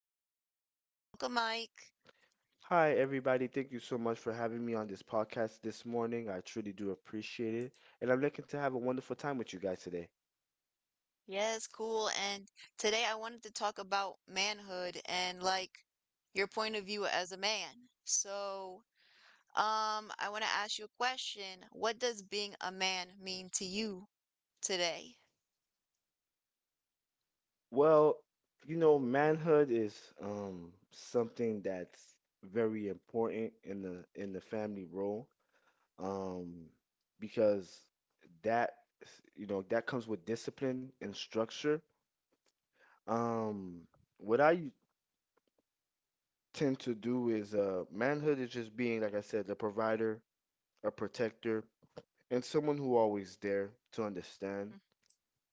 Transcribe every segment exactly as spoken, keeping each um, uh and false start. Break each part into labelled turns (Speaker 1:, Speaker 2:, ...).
Speaker 1: today. Welcome, Mike.
Speaker 2: Hi, everybody. Thank you so much for having me on this podcast this morning. I truly do appreciate it. And I'm looking to have a wonderful time with you guys today.
Speaker 1: Yes, cool. And today I wanted to talk about manhood and like your point of view as a man. So, um, I want to ask you a question. What does being a man mean to you today?
Speaker 2: Well, you know, manhood is um, something that's very important in the in the family role, um, because that, you know, that comes with discipline and structure. Um, what I tend to do is, uh, manhood is just being, like I said, the provider, a protector, and someone who always there to understand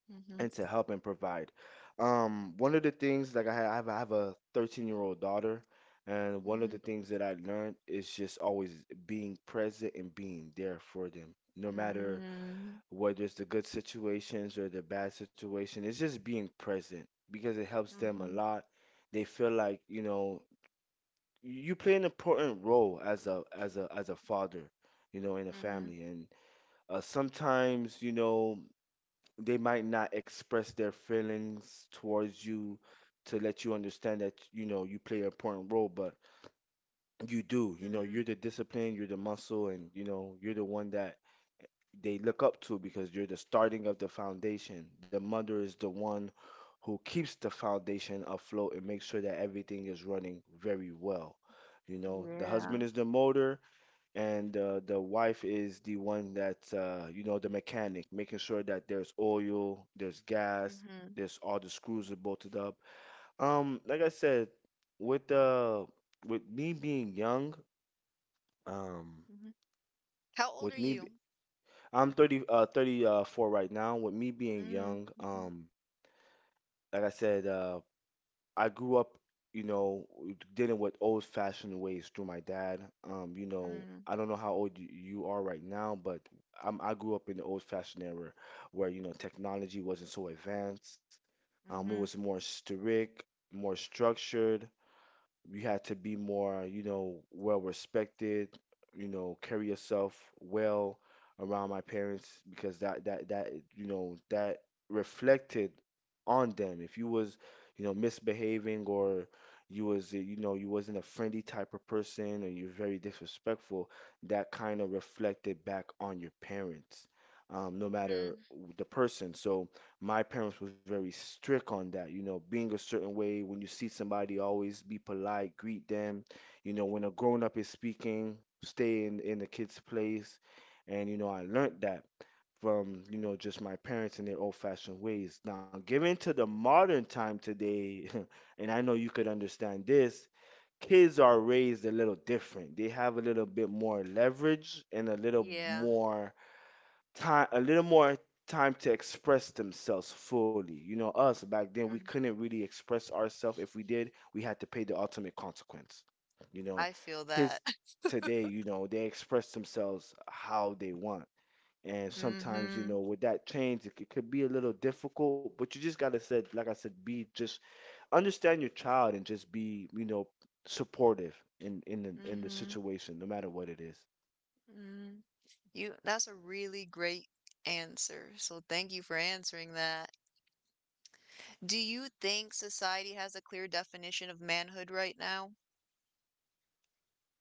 Speaker 1: Mm-hmm,
Speaker 2: and to help and provide. Um, one of the things, like I ha- I have, I have a thirteen year old daughter, and one of
Speaker 1: mm-hmm,
Speaker 2: the things that I learned is just always being present and being there for them. No matter
Speaker 1: mm-hmm,
Speaker 2: whether it's the good situations or the bad situation, it's just being present because it helps them a
Speaker 1: mm-hmm,
Speaker 2: lot. They feel like, you know, you play an important role as a as a as a father, you know, in a
Speaker 1: mm-hmm,
Speaker 2: family. And uh, sometimes, you know, they might not express their feelings towards you to let you understand that, you know, you play an important role, but you do, you know,
Speaker 1: mm-hmm.
Speaker 2: you're the discipline, you're the muscle, and, you know, you're the one that they look up to because you're the starting of the foundation. The mother is the one who keeps the foundation afloat and makes sure that everything is running very well. You know, the
Speaker 1: Yeah.
Speaker 2: husband is the motor, and uh, the wife is the one that's, uh, you know, the mechanic, making sure that there's oil, there's gas,
Speaker 1: Mm-hmm,
Speaker 2: there's all the screws are bolted up. Um, like I said, with uh, with me being young, um,
Speaker 1: mm-hmm. How old
Speaker 2: with
Speaker 1: are
Speaker 2: me, be-
Speaker 1: you?
Speaker 2: I'm thirty, uh, thirty-four right now. With me being young,
Speaker 1: Mm-hmm.
Speaker 2: um, like I said, uh, I grew up, you know, w- dealing with old-fashioned ways through my dad. Um, you know,
Speaker 1: Mm.
Speaker 2: I don't know how old y- you are right now, but I'm, I grew up in the old-fashioned era where, you know, technology wasn't so advanced. Um, it was
Speaker 1: Mhm,
Speaker 2: more strict, more structured. You had to be more, you know, well respected, you know, carry yourself well around my parents, because that that that, you know, that reflected on them. If you was, you know, misbehaving, or you was, you know, you wasn't a friendly type of person, or you're very disrespectful, that kind of reflected back on your parents, um, no matter
Speaker 1: mhm,
Speaker 2: the person. So my parents was very strict on that. You know, being a certain way, when you see somebody, always be polite, greet them. You know, when a grown up is speaking, stay in in the kid's place. And, you know, I learned that from, you
Speaker 1: mhm.
Speaker 2: know, just my parents and their old fashioned ways, now given to the modern time today. And I know you could understand this, kids are raised a little different. They have a little bit more leverage and a little
Speaker 1: Yeah,
Speaker 2: more time a little more time to express themselves fully. You know, us back then, we
Speaker 1: mm,
Speaker 2: couldn't really express ourselves. If we did, we had to pay the ultimate consequence. You know,
Speaker 1: I feel that.
Speaker 2: kids today, you know, they express themselves how they want. And sometimes, you
Speaker 1: Mhm,
Speaker 2: know, with that change, it, it could be a little difficult, but you just gotta said, like I said, be just understand your child and just be, you know, supportive in in the, in the
Speaker 1: mhm,
Speaker 2: situation, no matter what it is.
Speaker 1: mhm. You, that's a really great answer. So thank you for answering that. Do you think society has a clear definition of manhood right now?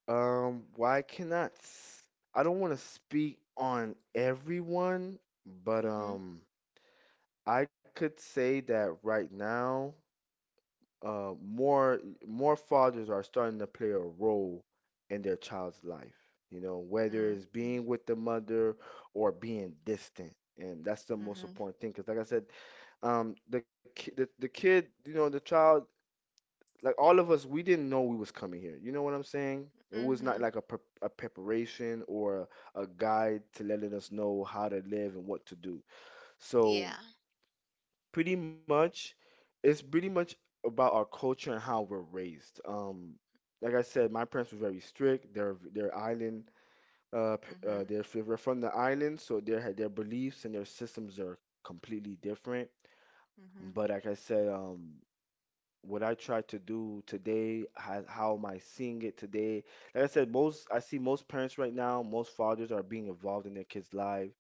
Speaker 2: Um, well, I cannot. s- I don't want to speak on everyone, but
Speaker 1: Mhm,
Speaker 2: um, I could say that right now, uh, more more fathers are starting to play a role in their child's life. You know, whether
Speaker 1: mm,
Speaker 2: it's
Speaker 1: mm,
Speaker 2: being with the mother or being distant, and that's the most
Speaker 1: mhm,
Speaker 2: important thing. Because, like I said, um, the ki- the the kid, you know, the child, like all of us, we didn't know we was coming here. You know what I'm saying? It was
Speaker 1: mhm.
Speaker 2: not like a, pre- a preparation or a, a guide to letting us know how to live and what to do. So
Speaker 1: Yeah.
Speaker 2: pretty much, it's pretty much about our culture and how we're raised. Um, like I said, my parents were very strict. They're they're island, uh, p- uh,
Speaker 1: Mhm,
Speaker 2: they're, f- they're from the island, so their their beliefs and their systems are completely different. But
Speaker 1: mhm,
Speaker 2: like I said, um, what I try to do today, how, how am I seeing it today? Like I said, most I see most parents right now, most fathers are being involved in their kids' life,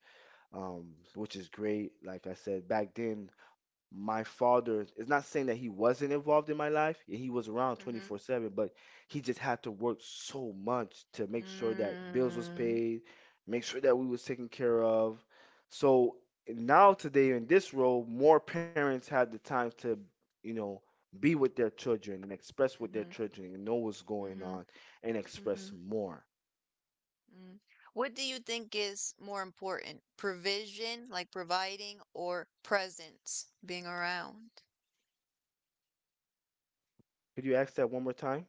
Speaker 2: um, which is great. Like I said, back then, my father, is not saying that he wasn't involved in my life, yeah, he was around
Speaker 1: mhm,
Speaker 2: twenty-four seven, but he just had to work so much to make sure that bills was
Speaker 1: mm,
Speaker 2: paid, make sure that we was taken care of. So now today in this role, more parents have the time to, you know, be with their children and express with their
Speaker 1: mhm,
Speaker 2: children and know what's going
Speaker 1: mhm,
Speaker 2: on and express
Speaker 1: mhm.
Speaker 2: more.
Speaker 1: Mm. What do you think is more important? Provision, like providing, or presence, being around?
Speaker 2: Could you ask that one more time?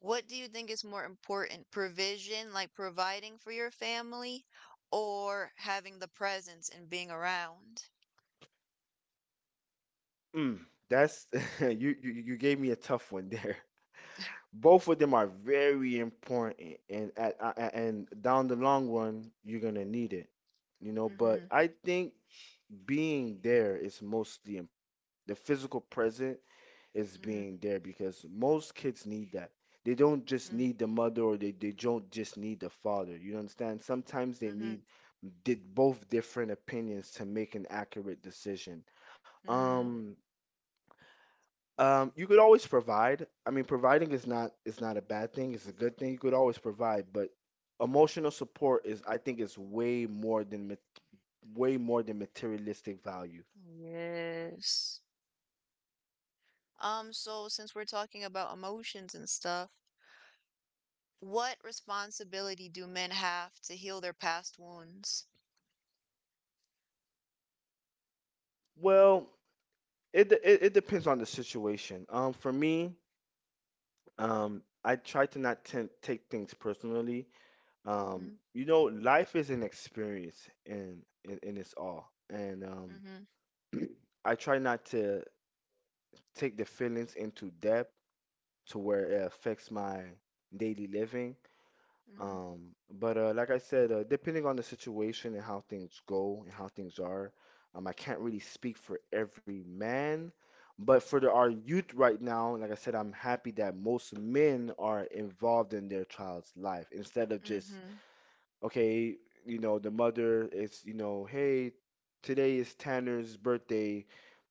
Speaker 1: What do you think is more important? Provision, like providing for your family, or having the presence and being around?
Speaker 2: Mm, that's you, you you gave me a tough one there. Both of them are very important, and at, a- a- and down the long run, you're gonna need it, you know.
Speaker 1: Mm-hmm.
Speaker 2: But I think being there is mostly im- the physical present is
Speaker 1: Mm-hmm.
Speaker 2: being there because most kids need that. They don't just
Speaker 1: Mm,
Speaker 2: need the mother, or they, they don't just need the father. You understand? Sometimes they
Speaker 1: mm-hmm.
Speaker 2: need did both different opinions to make an accurate decision.
Speaker 1: Mm.
Speaker 2: Um um, you could always provide. I mean, providing is not is not a bad thing. It's a good thing. You could always provide, but emotional support is, I think, is way more than ma- way more than materialistic value.
Speaker 1: Yes. Um, so since we're talking about emotions and stuff, what responsibility do men have to heal their past wounds?
Speaker 2: Well, it de- it, it depends on the situation. Um, for me, um, I try to not t- take things personally. Um,
Speaker 1: Mm-hmm.
Speaker 2: you know, life is an experience in in, in its all, and um,
Speaker 1: Mm-hmm.
Speaker 2: I try not to take the feelings into depth to where it affects my daily living.
Speaker 1: Mhm,
Speaker 2: Um, but uh, like I said, uh, depending on the situation and how things go and how things are, um, I can't really speak for every man. But for the, our youth right now, like I said, I'm happy that most men are involved in their child's life instead of just,
Speaker 1: mhm,
Speaker 2: okay, you know, the mother is, you know, hey, today is Tanner's birthday.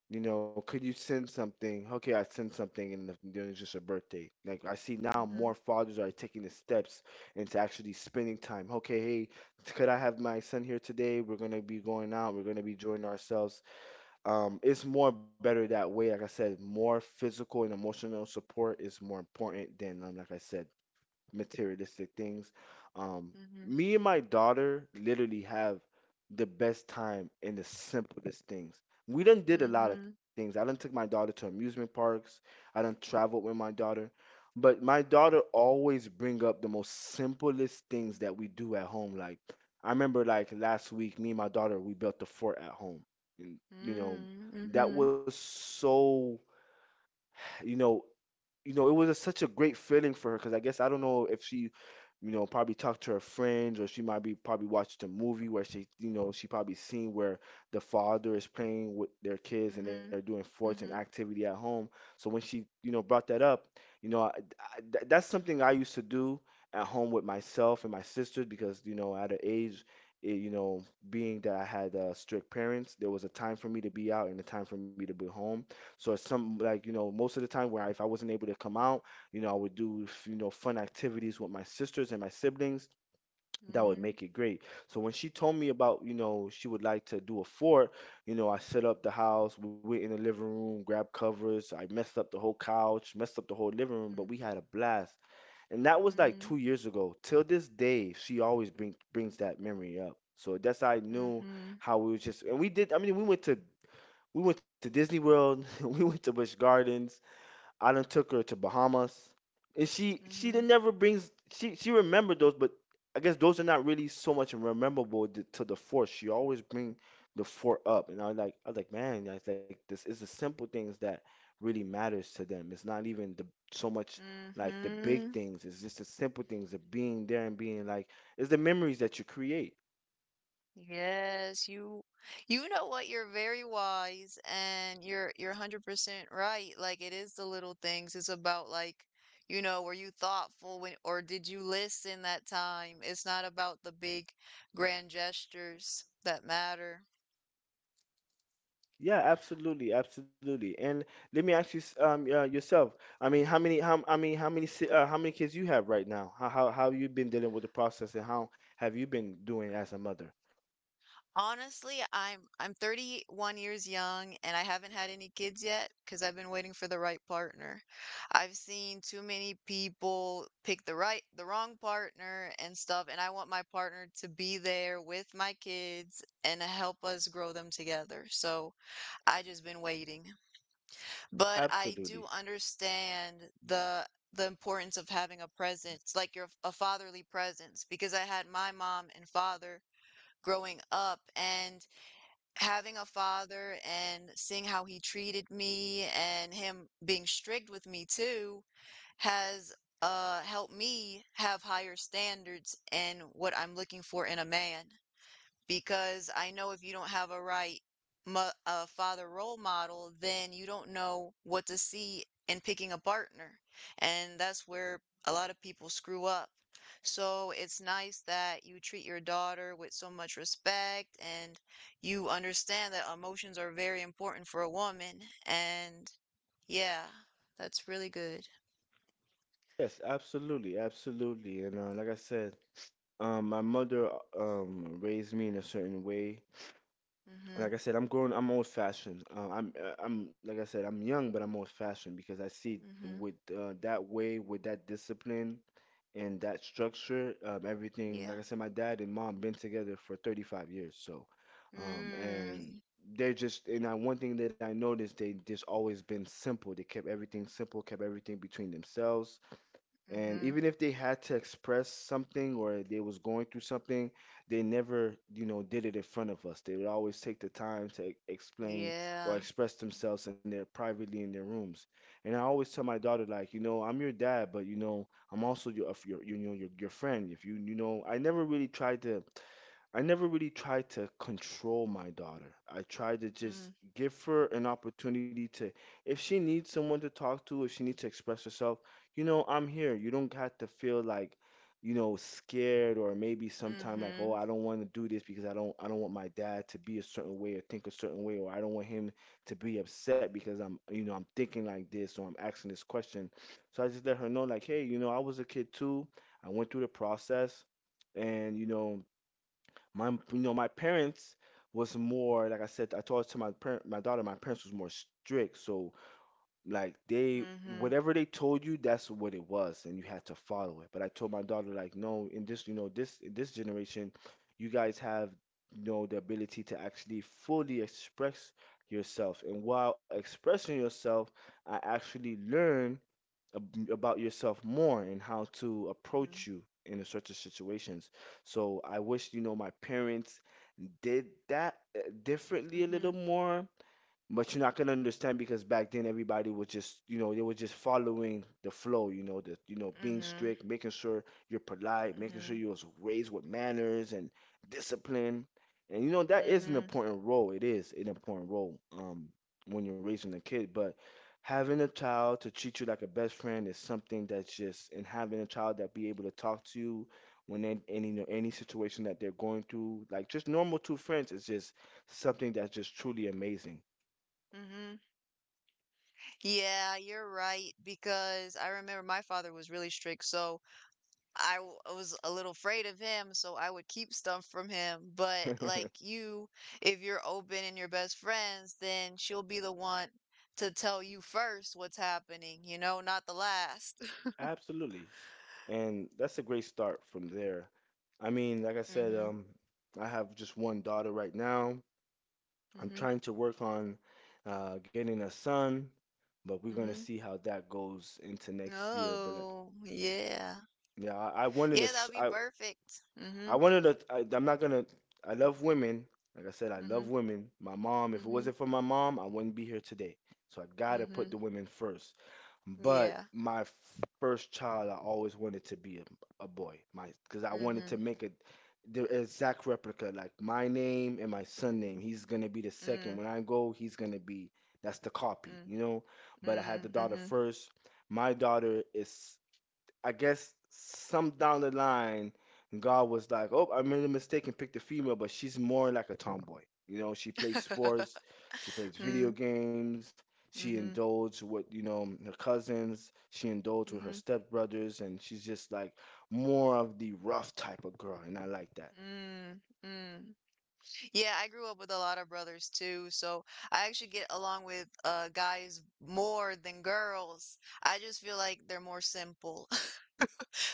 Speaker 2: You know, could you send something? Okay, I send something, and the- then it's just a birthday. Like I see now, more
Speaker 1: mhm,
Speaker 2: fathers are taking the steps into actually spending time. Okay, hey, could I have my son here today? We're gonna be going out. We're gonna be enjoying ourselves. Um, it's more better that way. Like I said, more physical and emotional support is more important than, um, like I said, materialistic things. Um,
Speaker 1: mhm,
Speaker 2: Me and my daughter literally have the best time in the simplest things. We done did a lot of
Speaker 1: mhm,
Speaker 2: things. I done took my daughter to amusement parks. I done traveled with my daughter. But my daughter always bring up the most simplest things that we do at home. Like I remember like last week, me and my daughter, we built a fort at home. And you know,
Speaker 1: mhm,
Speaker 2: that was
Speaker 1: mhm,
Speaker 2: so, you know, you know, it was a, such a great feeling for her because I guess I don't know if she, you know, probably talked to her friends, or she might be probably watched a movie where she, you know, she probably seen where the father is playing with their kids and they're
Speaker 1: mhm,
Speaker 2: doing sports and
Speaker 1: mhm,
Speaker 2: activity at home. So when she, you know, brought that up, you know, I, I, th- that's something I used to do at home with myself and my sisters because, you know, at an age, eh, you know, being that I had uh, strict parents, there was a time for me to be out and a time for me to be home. So it's some, like, you know, most of the time, where if I wasn't able to come out, you know, I would do, you know, fun activities with my sisters and my siblings. That would
Speaker 1: mhm,
Speaker 2: make it great. So when she told me about, you know, she would like to do a fort, you know, I set up the house. We went in the living room, grabbed covers. I messed up the whole couch, messed up the whole living room, but we had a blast. And that was like two
Speaker 1: mhm,
Speaker 2: years ago. Till this day, she always bring brings that memory up. So that's how I knew
Speaker 1: mhm,
Speaker 2: how we was just and we did. I mean, we went to we went to Disney World. We went to Busch Gardens. I done took her to Bahamas, and she she done
Speaker 1: mhm,
Speaker 2: never brings she she remembered those, but I guess those are not really so much memorable to, to the fort. She always bring the fort up, and I was like I was like man, that's like this is the simple things that really matters to them. It's not even the so much like the big
Speaker 1: mhm.
Speaker 2: things. It's just the simple things of being there and being like it's the memories that you create.
Speaker 1: Yes, you you know what? You're very wise and you're you're one hundred percent right. Like it is the little things. It's about like, you know, were you thoughtful when or did you listen that time? It's not about the big grand gestures that matter.
Speaker 2: Yeah, absolutely, absolutely. And let me ask you, s- um, uh, yourself. I mean, how many, how, I mean, how many, si- uh, how many kids you have right now? How, how, how you been dealing with the process, and how have you been doing as a mother?
Speaker 1: Honestly, I'm I'm thirty-one years young and I haven't had any kids yet because I've been waiting for the right partner. I've seen too many people pick the right the wrong partner and stuff, and I want my partner to be there with my kids and help us grow them together. So I just been waiting. But I do
Speaker 2: Absolutely.
Speaker 1: understand the the importance of having a presence, like your a fatherly presence, because I had my mom and father growing up and having a father and seeing how he treated me and him being strict with me too has uh helped me have higher standards in what I'm looking for in a man because I know if you don't have a right mo- a father role model, then you don't know what to see in picking a partner. And that's where a lot of people screw up. So it's nice that you treat your daughter with so much respect and you understand that emotions are very important for a woman. And yeah, that's really good.
Speaker 2: Yes, absolutely, absolutely. And uh, like I said, um, my mother um raised me in a certain way.
Speaker 1: Mm-hmm.
Speaker 2: Like I said, I'm grown. I'm old fashioned. Uh, I'm, uh, I'm like I said, I'm young, but I'm old fashioned because I see
Speaker 1: Mm-hmm.
Speaker 2: with uh, that way, with that discipline, and that structure, um, everything, like I
Speaker 1: Yeah.
Speaker 2: said, my dad and mom been together for thirty-five years. So, um, and
Speaker 1: Mm,
Speaker 2: they're just, and I, one thing that I noticed, they just always been simple. They kept everything simple, kept everything between themselves, and
Speaker 1: mm-hmm.
Speaker 2: even if they had to express something or they was going through something, they never, you know, did it in front of us. They would always take the time to e- explain or
Speaker 1: Yeah.
Speaker 2: express themselves in their privately in their rooms. And I always tell my daughter, like, you know, I'm your dad, but you know, I'm also your of your you know, your, your friend. If you you know I never really tried to I never really tried to control my daughter. I tried to just
Speaker 1: Mm,
Speaker 2: give her an opportunity to, if she needs someone to talk to, if she needs to express herself, you know, I'm here. You don't have to feel like, you know, scared, or maybe sometime like, oh,
Speaker 1: mm-hmm.
Speaker 2: I don't want to do this because I don't, I don't want my dad to be a certain way or think a certain way, or I don't want him to be upset because I'm, you know, I'm thinking like this or I'm asking this question. So I just let her know, like, hey, you know, I was a kid too. I went through the process, and you know, my, you know, my parents was more, like I said. I told to my parent, my daughter, my parents was more strict. So like they,
Speaker 1: Mhm,
Speaker 2: whatever they told you, that's what it was, and you had to follow it. But I told my daughter like, no, in this, you know, this in this generation, you guys have, you know, the ability to actually fully express yourself, and while expressing yourself, I actually learned ab- about yourself more and how to approach
Speaker 1: mhm,
Speaker 2: you in a certain situations. So I wish, you know, my parents did that uh, differently a little
Speaker 1: mhm,
Speaker 2: more. But you're not gonna understand because back then everybody was just, you know, they were just following the flow, you know, the you know being
Speaker 1: mhm,
Speaker 2: strict, making sure you're polite, making sure
Speaker 1: mhm,
Speaker 2: you was raised with manners and discipline. And you know, that is an
Speaker 1: mhm,
Speaker 2: important role. It is an important role um when you're raising a kid, but having a child to treat you like a best friend is something that's just, and having a child that be able to talk to you when in any, you know, any situation that they're going through like just normal two friends, is just something that's just truly amazing.
Speaker 1: mhm. Yeah, you're right because I remember my father was really strict, so I w- I was a little afraid of him, so I would keep stuff from him. But like you, if you're open and you're best friends, then she'll be the one to tell you first what's happening, you know, not the last.
Speaker 2: Absolutely. And that's a great start from there. I mean, like I said,
Speaker 1: Mhm,
Speaker 2: um, I have just one daughter right now. I'm
Speaker 1: mhm,
Speaker 2: trying to work on uh, getting a son, but we're gonna
Speaker 1: mhm.
Speaker 2: see how that goes into next year. But like,
Speaker 1: Oh, yeah.
Speaker 2: yeah, I, I wanted to.
Speaker 1: Yeah, that'll
Speaker 2: s-
Speaker 1: be
Speaker 2: I
Speaker 1: perfect.
Speaker 2: I
Speaker 1: Mhm,
Speaker 2: wanted to. I, I'm not gonna. I love women. Like I said, I
Speaker 1: mhm,
Speaker 2: love women. My mom. If it
Speaker 1: mhm.
Speaker 2: wasn't for my mom, I wouldn't be here today. So I gotta put
Speaker 1: Mhm.
Speaker 2: the women first. But
Speaker 1: Yeah.
Speaker 2: my first child, I always wanted to be a, a boy. My, because I wanted to
Speaker 1: Mhm.
Speaker 2: make it the exact replica, like my name and my son name. He's gonna be the second.
Speaker 1: Mm.
Speaker 2: When I go, he's gonna be, that's the copy,
Speaker 1: Mm.
Speaker 2: you know. But I had
Speaker 1: Mm.
Speaker 2: the daughter
Speaker 1: Mhm.
Speaker 2: first. My daughter is, I guess some down the line, God was like, "Oh, I made a mistake and picked a female, but she's more like a tomboy. You know, she plays sports, she plays video
Speaker 1: Mm.
Speaker 2: games, she
Speaker 1: Mhm.
Speaker 2: indulges with you know her cousins, she indulges with her
Speaker 1: Mhm.
Speaker 2: stepbrothers, and she's just like more of the rough type of girl, and I like that."
Speaker 1: Mm. Mm. Yeah, I grew up with a lot of brothers too, so I actually get along with uh guys more than girls. I just feel like they're more simple.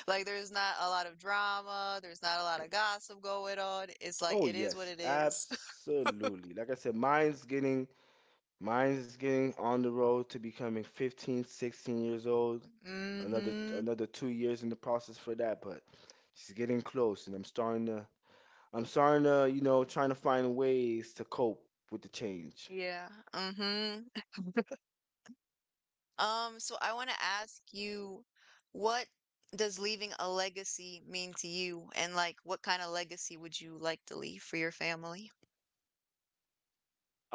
Speaker 1: Like there's not a lot of drama, there's not a lot of gossip going on. It's like
Speaker 2: Oh
Speaker 1: it is what
Speaker 2: yes,
Speaker 1: it is.
Speaker 2: absolutely. Like I said, mine's getting mine's getting on the road to becoming fifteen, sixteen years old. another
Speaker 1: Mhm.
Speaker 2: another two years in the process for that, but she's getting close, and I'm starting to I'm starting to, you know, trying to find ways to cope with the change.
Speaker 1: Yeah. Mhm. Um, so I want to ask you, what does leaving a legacy mean to you? And like, what kind of legacy would you like to leave for your family?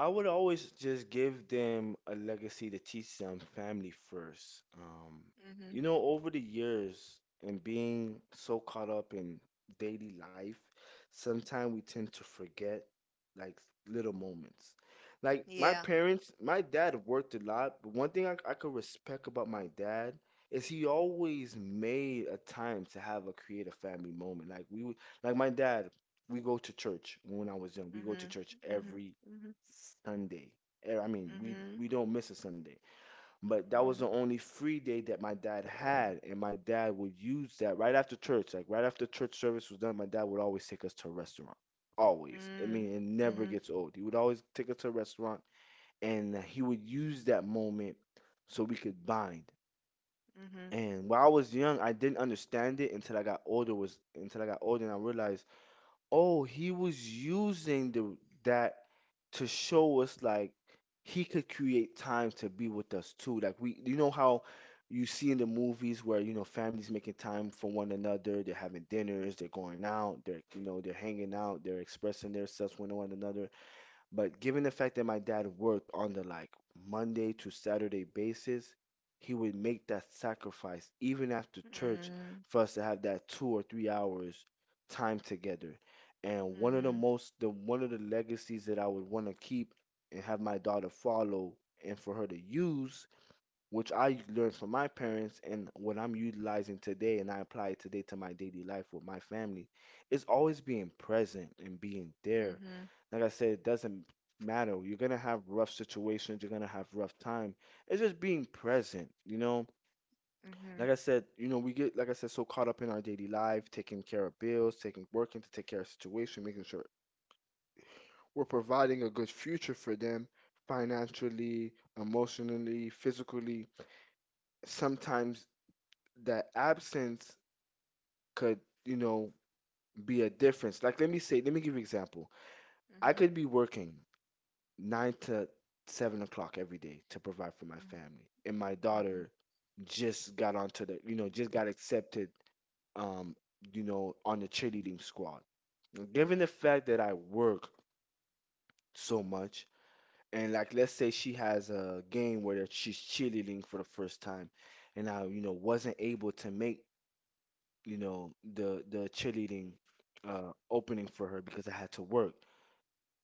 Speaker 2: I would always just give them a legacy to teach them family first. Um,
Speaker 1: Mm-hmm.
Speaker 2: you know, over the years and being so caught up in daily life, sometimes we tend to forget like little moments. Like my
Speaker 1: Yeah.
Speaker 2: parents, my dad worked a lot, but one thing I, I could respect about my dad is he always made a time to have a creative family moment. Like we would, like my dad, we go to church when I was young. We go
Speaker 1: Mm-hmm.
Speaker 2: to church
Speaker 1: Mm-hmm.
Speaker 2: every
Speaker 1: Mm-hmm.
Speaker 2: Sunday. Eh, I mean, we we don't miss a Sunday, but that
Speaker 1: Mm-hmm.
Speaker 2: was the
Speaker 1: Mm-hmm.
Speaker 2: only free day that my dad had, and my dad would use that right after church. Like right after church service was done, my dad would always take us to a restaurant. Always. I mean, it never
Speaker 1: Mm-hmm.
Speaker 2: gets old. He would always take us to a restaurant, and he would use that moment so we could bind.
Speaker 1: Mm-hmm. Mm-hmm.
Speaker 2: And while I was young, I didn't understand it until I got older. Was until I got older and I realized, oh, he was using the, that, to show us like he could create times to be with us too. Like we, you know how you see in the movies where you know families making time for one another, they're having dinners, they're going out, they're you know they're hanging out, they're expressing themselves with one another. But given the fact that my dad worked on the like Monday to Saturday basis, he would make that sacrifice even after church
Speaker 1: Mm-hmm.
Speaker 2: for us to have that two or three hours time together. And one of the most the one of the legacies that I would want to keep and have my daughter follow and for her to use, which I learned from my parents and what I'm utilizing today and I apply it today to my daily life with my family, is always being present and being there.
Speaker 1: Mm-hmm. Mm-hmm.
Speaker 2: Like I said, it doesn't matter. You're gonna have rough situations, you're gonna have rough time. It's just being present, you know?
Speaker 1: Mm-hmm.
Speaker 2: Like I said, you know, we get like I said, so caught up in our daily life, taking care of bills, taking working to take care of situation, making sure we're providing a good future for them financially, emotionally, physically, sometimes that absence could, you know, be a difference. Like, let me say, let me give you an example. I
Speaker 1: Mm-hmm.
Speaker 2: could be working nine to seven o'clock every day to provide for my family, and my daughter just got onto the, you know, just got accepted, um, you know, on the cheerleading squad. Given the fact that I work so much, and like, let's say she has a game where she's cheerleading for the first time, and I, you know, wasn't able to make you know the the cheerleading uh opening for her because I had to work.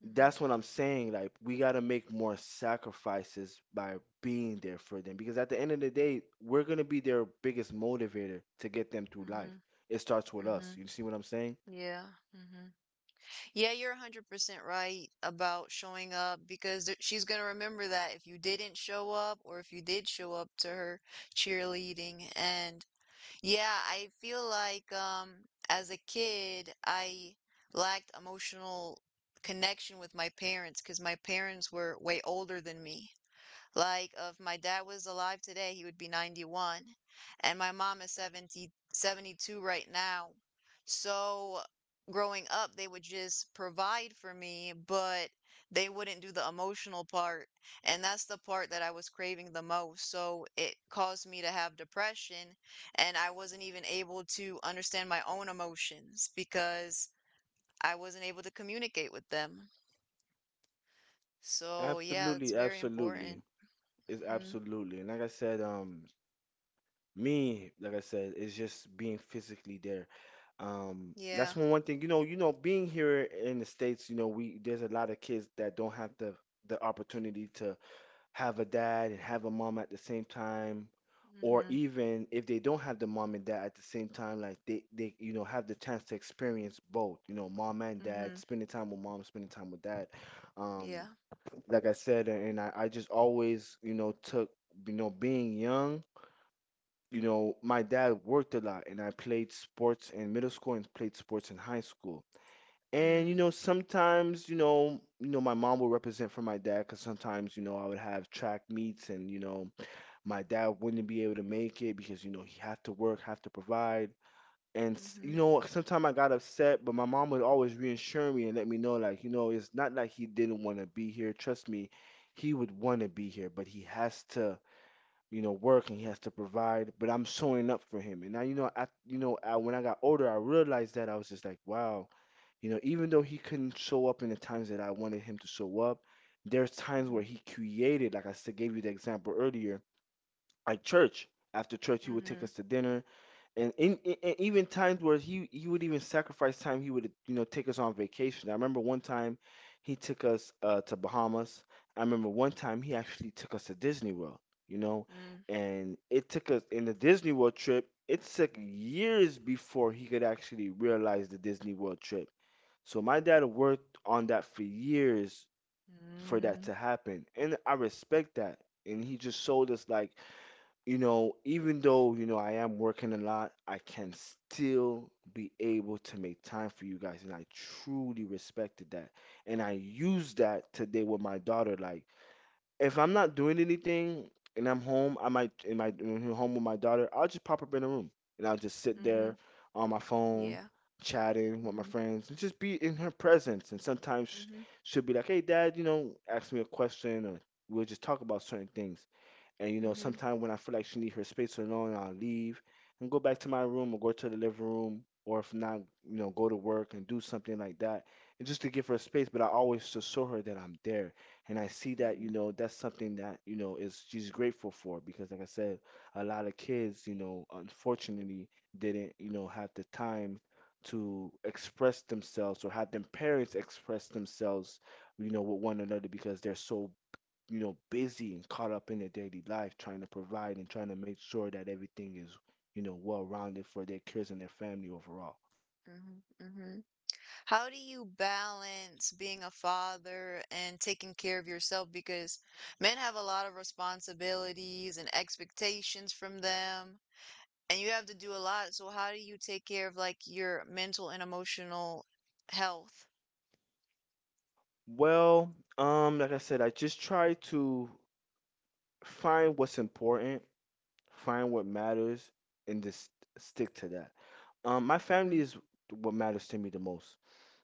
Speaker 2: That's what I'm saying. Like we gotta make more sacrifices by being there for them because at the end of the day, we're gonna be their biggest motivator to get them through life.
Speaker 1: Mm-hmm.
Speaker 2: It starts with
Speaker 1: Mm-hmm. Mm-hmm.
Speaker 2: us. You see what I'm saying?
Speaker 1: Yeah. Mm-hmm. Yeah, you're one hundred percent right about showing up because th she's going to remember that if you didn't show up or if you did show up to her cheerleading. And yeah, I feel like um as a kid, I lacked emotional connection with my parents because my parents were way older than me. Like, if my dad was alive today, he would be ninety-one, and my mom is seventy seventy two right now. So, growing up, they would just provide for me, but they wouldn't do the emotional part. And that's the part that I was craving the most. So, it caused me to have depression, and I wasn't even able to understand my own emotions because I wasn't able to communicate with them. So, yeah, it's
Speaker 2: Absolutely,
Speaker 1: very
Speaker 2: absolutely.
Speaker 1: important.
Speaker 2: It's
Speaker 1: Hmm.
Speaker 2: absolutely. And like I said, um, me, like I said, it's just being physically there. Um, that's
Speaker 1: Yeah.
Speaker 2: one one thing. You know, you know, being here in the States, you know, we there's a lot of kids that don't have the the opportunity to have a dad and have a mom at the same time, or
Speaker 1: Hmm.
Speaker 2: even if they don't have the mom and dad at the same time, like they they you know have the chance to experience both. You know, mom and dad,
Speaker 1: Mhm.
Speaker 2: spending time with mom, spending time with dad. Um,
Speaker 1: Yeah.
Speaker 2: like I said, and I, I just always you know took you know being young you know, my dad worked a lot and I played sports in middle school and played sports in high school. And you
Speaker 1: Mm.
Speaker 2: know, sometimes, you know, you know, my mom would represent for my dad because sometimes, you know, I would have track meets and, you know, my dad wouldn't be able to make it because, you know, he have to work, have to provide. And s-
Speaker 1: Mhm.
Speaker 2: you know, sometimes I got upset, but my mom would always reassure me and let me know, like, you know, it's not like he didn't want to be here. Trust me, he would want to be here, but he has to you know, work and he has to provide, but I'm showing up for him. And now, you know, I, you know, I, when I got older, I realized that I was just like, wow, you know, even though he couldn't show up in the times that I wanted him to show up, there's times where
Speaker 1: Mhm.
Speaker 2: he created, like I said, gave you the example earlier, like church. After church, he would take
Speaker 1: Mhm.
Speaker 2: us to dinner and in, in, and even times where he he would even sacrifice time he would you know take us on vacation. I remember one time he took us uh to Bahamas. I remember one time he actually took us to Disney World, you know.
Speaker 1: Mm.
Speaker 2: And it took us in the Disney World trip, it took years before he could actually realize the Disney World trip, so my dad worked on that for years for that
Speaker 1: Mm.
Speaker 2: to happen, and I respect that. And he just showed us like, you know, even though, you know, I am working a lot, I can still be able to make time for you guys. And I truly respected that. And I used that today with my daughter. Like, if I'm not doing anything and I'm home, I might, in my in home with my daughter, I'll just pop up in the room and I'll just sit there
Speaker 1: Mhm.
Speaker 2: on my phone,
Speaker 1: Yeah.
Speaker 2: chatting with my
Speaker 1: Mhm.
Speaker 2: friends and just be in her presence. And sometimes
Speaker 1: Mhm.
Speaker 2: she'll be like, hey, dad, you know, ask me a question, or we'll just talk about certain things, and you know,
Speaker 1: Mhm.
Speaker 2: sometimes when I feel like she need her space alone, I'll leave and go back to my room or go to the living room, or if not, you know, go to work and do something like that, and just to give her space. But I always just show her that I'm there, and I see that you
Speaker 1: Mhm.
Speaker 2: know that's something that you know is she's grateful for because, like I said, a lot of kids, you know, unfortunately didn't you know have the time to express themselves or have their parents express themselves you know, with one another because they're so you know, busy and caught up in their daily life, trying to provide and trying to make sure that everything is, you know, well rounded for their kids and their family overall.
Speaker 1: Mhm. Mhm. How do you balance being a father and taking care of yourself? Because men have a lot of responsibilities and expectations from them, and you have to do a lot. So how do you take care of like your mental and emotional health?
Speaker 2: Well, um, like I said, I just try to find what's important, find what matters, and just stick to that. Um, my family
Speaker 1: Mhm.
Speaker 2: is what matters to me the most.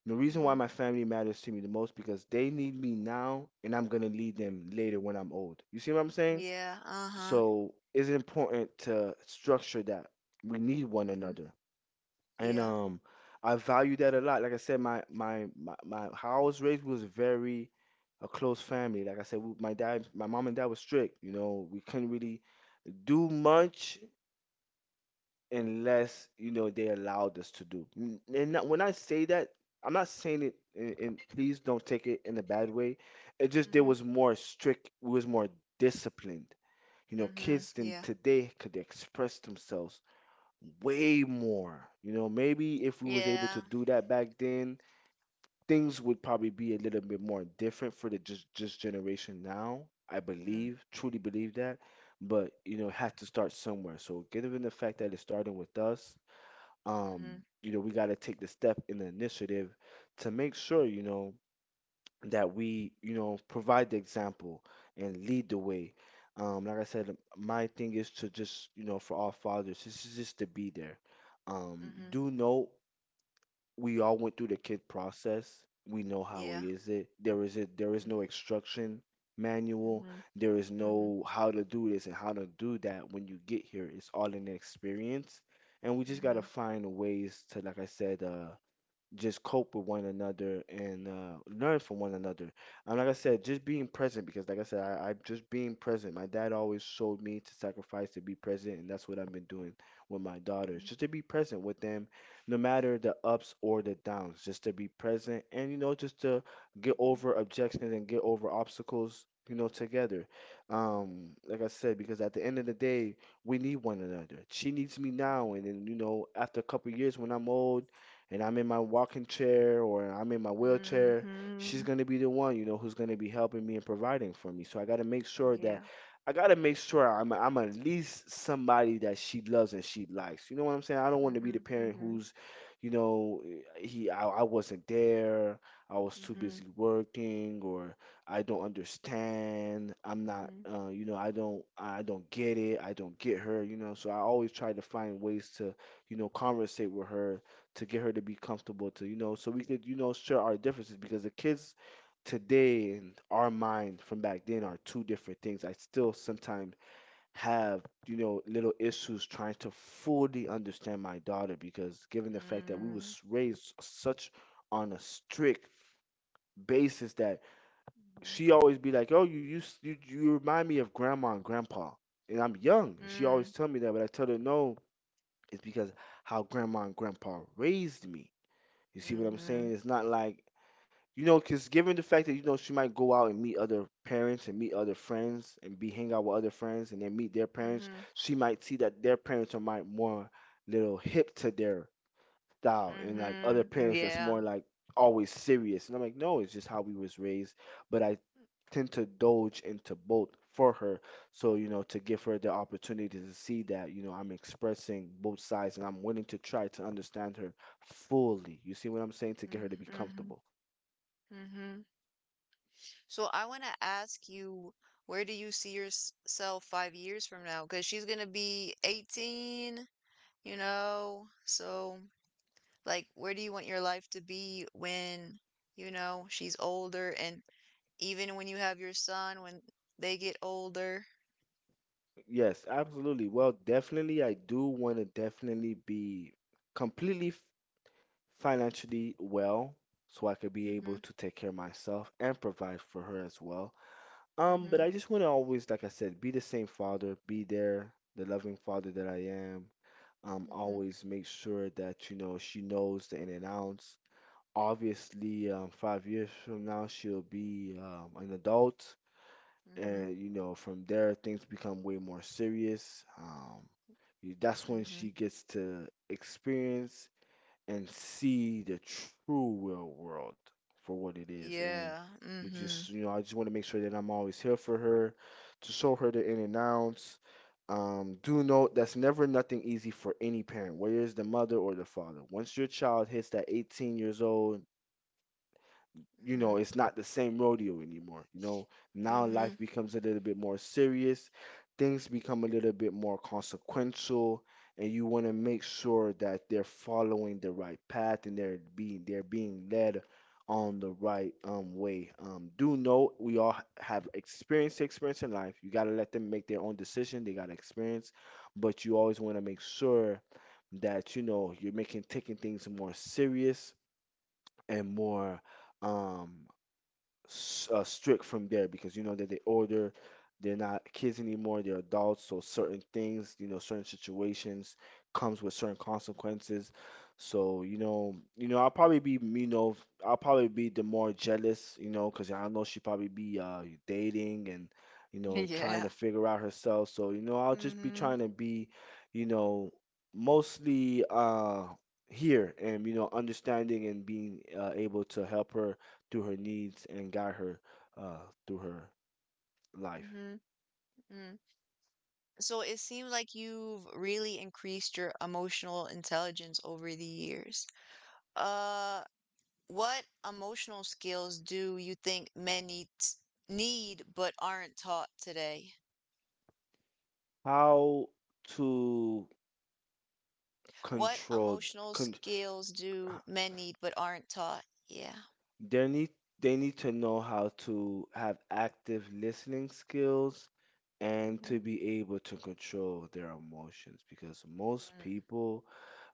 Speaker 2: The reason why
Speaker 1: Mhm.
Speaker 2: my family matters to me the most because they need me now, and I'm gonna need them later when I'm old. You see what I'm saying?
Speaker 1: Yeah. Uh-huh.
Speaker 2: So it's important to structure that. We need one
Speaker 1: Mhm.
Speaker 2: another. And
Speaker 1: Yeah.
Speaker 2: um I value that a lot. Like I said, my my my, my how I was raised was very a close family. Like I said, we, my dad, my mom and dad was strict. You know, we couldn't really do much unless you know they allowed us to do. N- And not, when I say that, I'm not saying it. And, and please don't take it in a bad way. It just there
Speaker 1: Mhm,
Speaker 2: was more strict. We was more disciplined you know
Speaker 1: mhm,
Speaker 2: kids than
Speaker 1: yeah,
Speaker 2: today could express themselves way more you know maybe if we was able to
Speaker 1: yeah,
Speaker 2: do that back then things would probably be a little bit more different for the just just generation now. I
Speaker 1: mm,
Speaker 2: believe, truly believe that. But you know it has to start somewhere, so given the fact that it's starting with us, um
Speaker 1: mhm,
Speaker 2: you know we got to take the step in the initiative to make sure you know that we, you know, provide the example and lead the way. Um, like I said, my thing is to just, you know, for all fathers, this is just to be there. Um,
Speaker 1: mhm,
Speaker 2: do know we all went through the kid process. We know how it
Speaker 1: yeah,
Speaker 2: is. It there is it There is
Speaker 1: mm,
Speaker 2: no instruction manual.
Speaker 1: mhm,
Speaker 2: There is
Speaker 1: mhm,
Speaker 2: no how to do this and how to do that when you get here. It's all in the experience, and we just gotta
Speaker 1: mhm,
Speaker 2: find ways to, like I said, uh, just cope with one another and uh, learn from one another. And like I said, just being present because, like I said, I, I just being present. My dad always showed me to sacrifice to be present, and that's what I've been doing with my daughters,
Speaker 1: mhm,
Speaker 2: just to be present with them, no matter the ups or the downs, just to be present and you know just to get
Speaker 1: mhm,
Speaker 2: over objections and get over obstacles. You know, together. Um, like I said, because at the end of the day, we need one another. She needs me now, and then you know, after a couple years when I'm old and I'm in my walking chair or I'm in my wheelchair, she's
Speaker 1: mhm,
Speaker 2: going to be the one, you know, who's going to be helping me and providing for me. So I got to make
Speaker 1: mhm,
Speaker 2: sure that
Speaker 1: yeah,
Speaker 2: I got to make sure I'm I'm at least somebody that she loves and she likes. You know what I'm saying? I don't want to be the
Speaker 1: mhm,
Speaker 2: parent
Speaker 1: mhm,
Speaker 2: who's, you know, he I, I wasn't there, I was too
Speaker 1: mhm,
Speaker 2: busy working, or I don't understand. I'm not,
Speaker 1: mhm,
Speaker 2: uh, you know, I don't, I don't get it. I don't get her, you know. So I always try to find ways to, you know, conversate with her to get her to be comfortable to you know so we could you know share our differences because the kids today and our mind from back then are two different things. I still sometimes have you know little issues trying to fully understand my daughter because given the fact that we
Speaker 1: mm,
Speaker 2: was raised such on a strict basis that
Speaker 1: mhm,
Speaker 2: she always be like, oh, you you s- you, you remind me of grandma and grandpa and I'm young. She always
Speaker 1: mm,
Speaker 2: tell me that, but I tell her no, it's because how grandma and grandpa raised me. You see what I'm saying?
Speaker 1: mhm,
Speaker 2: It's not like you know, 'cause given the fact that you know she might go out and meet other parents and meet other friends and be hang out with other friends and then meet their parents,
Speaker 1: mhm,
Speaker 2: she might see that their parents are might more little hip to their style and like other
Speaker 1: mhm,
Speaker 2: parents that's
Speaker 1: yeah,
Speaker 2: more like always serious. And I'm like, no, it's just how we was raised. But I tend to doge into both for her. So, you know, to give her the opportunity to see that, you know, I'm expressing both sides and I'm willing to try to understand her fully. You see what I'm saying? To get her
Speaker 1: mm,
Speaker 2: to be
Speaker 1: mhm,
Speaker 2: comfortable.
Speaker 1: mhm. So I want to ask you, where do you see yourself five years from now? Because she's gonna be eighteen. You know? So, like, where do you want your life to be when, you know, she's older and even when you have your son, when they get older?
Speaker 2: Yes, absolutely. Well, definitely, I do want to definitely be completely f- financially well so I could be
Speaker 1: Mm-hmm,
Speaker 2: able to take care of myself and provide for her as well. Um, but
Speaker 1: mm-hmm,
Speaker 2: I just want to always, like I said, be the same father, be there, the loving father that I am. Um,
Speaker 1: mm-hmm,
Speaker 2: always make sure that, you know, she knows the in and outs. Obviously, um, five years from now, she'll be um, an adult,
Speaker 1: mm-hmm,
Speaker 2: and you know, from there, things become way more serious. Um, y- that's when
Speaker 1: mm-hmm.
Speaker 2: she gets to experience and see the true real world for what it is. And
Speaker 1: Yeah,
Speaker 2: you just,
Speaker 1: mm-hmm,
Speaker 2: you know, I just want to make sure that I'm always here for her, to show her the in and outs. Um, do note that's never nothing easy for any parent, whether it's the mother or the father. Once your child hits that eighteen years old, you
Speaker 1: mm-hmm,
Speaker 2: know, it's not the same rodeo anymore. You know, now life
Speaker 1: mm-hmm.
Speaker 2: becomes a little bit more serious, things become a little bit more consequential, and you want to make sure that they're following the right path and they're being they're being led on the right um way. Um, do know we all have experience to experience in life. You gotta let them make their own decision. They gotta experience, but you always want to make sure that you know you're making taking things more serious and more um s- uh, strict from there, because you know that they older, they're not kids anymore, they're adults. So certain things, you know, certain situations comes with certain consequences. So you know, you know, I'll probably be, you know, I'll probably be the more jealous, you know, because I know she probably be uh dating and you know trying to
Speaker 1: Yeah.
Speaker 2: figure out herself. So you know, I'll just be
Speaker 1: Mm-hmm.
Speaker 2: trying to be, you know, mostly uh here and you know understanding and being uh, able to help her through her needs and guide her uh, through her life.
Speaker 1: Mm-hmm. Mm. So it seems like you've really increased your emotional intelligence over the years. Uh, What emotional skills do you think men need, need but aren't taught today?
Speaker 2: How to
Speaker 1: What
Speaker 2: control.
Speaker 1: emotional
Speaker 2: con-
Speaker 1: skills do men need but aren't taught? Yeah.
Speaker 2: they need they need to know how to have active listening skills and to
Speaker 1: Mm-hmm.
Speaker 2: be able to control their emotions, because most people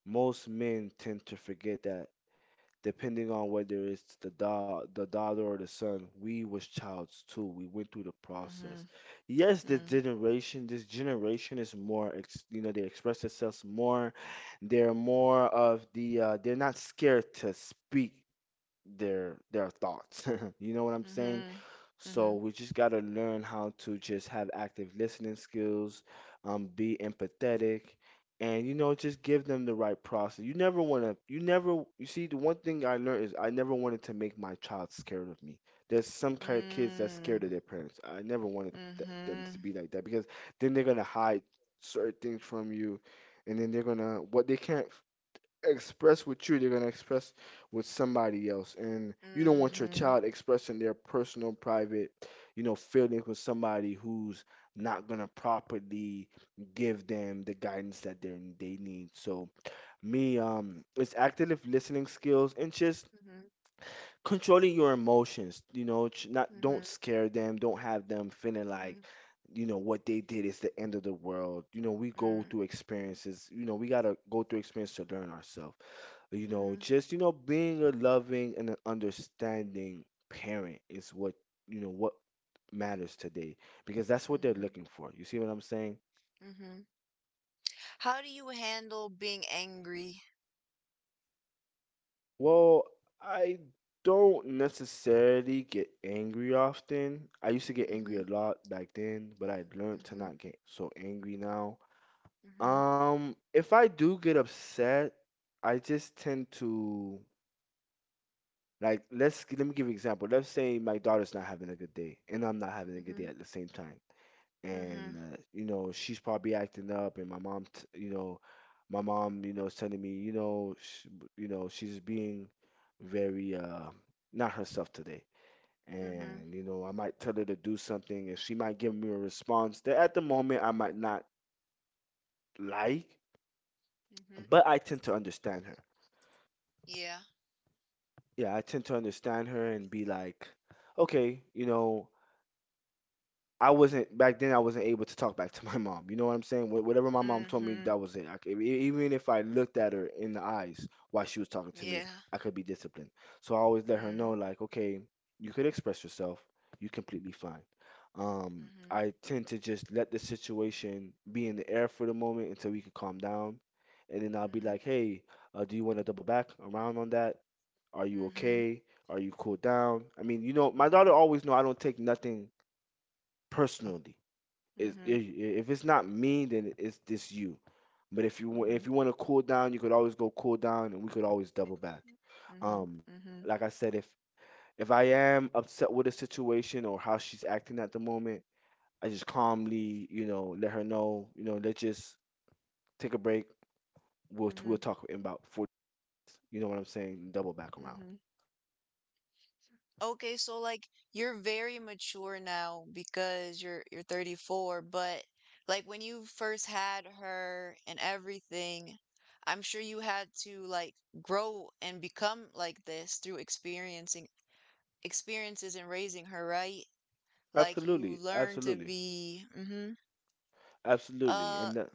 Speaker 2: most men tend to forget that, depending on whether it's the da- the daughter or the son, we was childs too. We went through the process.
Speaker 1: Mm,
Speaker 2: Yes, this
Speaker 1: mhm.
Speaker 2: generation, this generation is more, ex- you know, they express themselves more. They're more of the, uh, they're not scared to speak their their thoughts. You know what I'm saying?
Speaker 1: Mm-hmm.
Speaker 2: So we just got to learn how to just have active listening skills, um, be empathetic, and you know just give them the right process. You never want to. You never. You see, the one thing I learned is I never wanted to make my child scared of me. There's some kind of kids that's
Speaker 1: Mm,
Speaker 2: scared of their parents. I never wanted th- them to
Speaker 1: mhm,
Speaker 2: be like that, because then they're gonna hide certain things from you, and then they're gonna what they can't express with you, they're going to express with somebody else. And you don't
Speaker 1: mhm,
Speaker 2: want your
Speaker 1: mm,
Speaker 2: child expressing their personal, private, you know, feelings with somebody who's not going to properly give them the guidance that they they need. So, me, um, it's active listening skills and just
Speaker 1: mhm,
Speaker 2: controlling your emotions. You know ch- not,
Speaker 1: mhm,
Speaker 2: don't
Speaker 1: mhm,
Speaker 2: scare them, don't have them feeling
Speaker 1: mhm,
Speaker 2: like you know what they did is the end of the world. You know we go through experiences. You know we got to go through experience to learn ourselves. You
Speaker 1: mhm, mm,
Speaker 2: know
Speaker 1: mhm,
Speaker 2: just you know Being a loving and an understanding parent is what you know what matters today, because that's what they're
Speaker 1: mhm,
Speaker 2: looking for. You see what I'm saying?
Speaker 1: mhm. How do you handle being angry?
Speaker 2: Well, I don't necessarily get angry often. I used to get angry
Speaker 1: Mm-hmm.
Speaker 2: a lot back then, but I learned to
Speaker 1: Mm-hmm.
Speaker 2: not get so angry now.
Speaker 1: Mm-hmm.
Speaker 2: Um, if I do get upset, I just tend to, like, let's let me give you an example. Let's say my daughter's not having a good day and I'm not having a good day
Speaker 1: Mm-hmm.
Speaker 2: at the same time, and
Speaker 1: Mm-hmm.
Speaker 2: uh, you know she's probably acting up, and my mom t- you know my mom you know sending me, you know sh- you know she's being very uh not herself today,
Speaker 1: Mhm.
Speaker 2: and you know I might tell her to do something, and she might give me a response that at the moment I might not like,
Speaker 1: Mhm.
Speaker 2: but I tend to understand her.
Speaker 1: Yeah.
Speaker 2: Yeah, I tend to understand her and be like, okay, you know I wasn't back then. I wasn't able to talk back to my mom. You know what I'm saying? Wh- Whatever my mom told me,
Speaker 1: Mhm.
Speaker 2: that was it. I c- e- e, even if I looked at her in the eyes while she was talking to me,
Speaker 1: Yeah.
Speaker 2: I could be disciplined. So I always let her know,
Speaker 1: Mm.
Speaker 2: like, okay, you could express yourself. You're completely fine. Um,
Speaker 1: Mhm.
Speaker 2: I tend to just let the situation be in the air for the moment until we could calm down, and then I'll be
Speaker 1: Mhm.
Speaker 2: like, hey, uh, do you want to double back around on that? Are you
Speaker 1: Mhm.
Speaker 2: okay? Are you cool down? I mean, you know, my
Speaker 1: Mhm.
Speaker 2: daughter always know I don't take nothing personally. is i-
Speaker 1: Mhm.
Speaker 2: i- if it's not me, then it's just you. But if you wa-
Speaker 1: Mhm.
Speaker 2: if you want to cool down, you could always go cool down, and we could always double back.
Speaker 1: Mhm.
Speaker 2: Um,
Speaker 1: Mhm.
Speaker 2: like I said, if if I am upset with a situation or how she's acting at the moment, I just calmly, you know, let her know, you know, let's just take a break. We'll we'll
Speaker 1: Mhm.
Speaker 2: talk in about forty, you know what I'm saying? Double back around.
Speaker 1: Mhm. Okay, so like you're very mature now because you're you're thirty-four, but like when you first had her and everything, I'm sure you had to like grow and become like this through experiencing experiences and raising her, right? Like you
Speaker 2: Absolutely,
Speaker 1: learn to
Speaker 2: absolutely,
Speaker 1: be mhm.
Speaker 2: absolutely.
Speaker 1: Uh
Speaker 2: And that,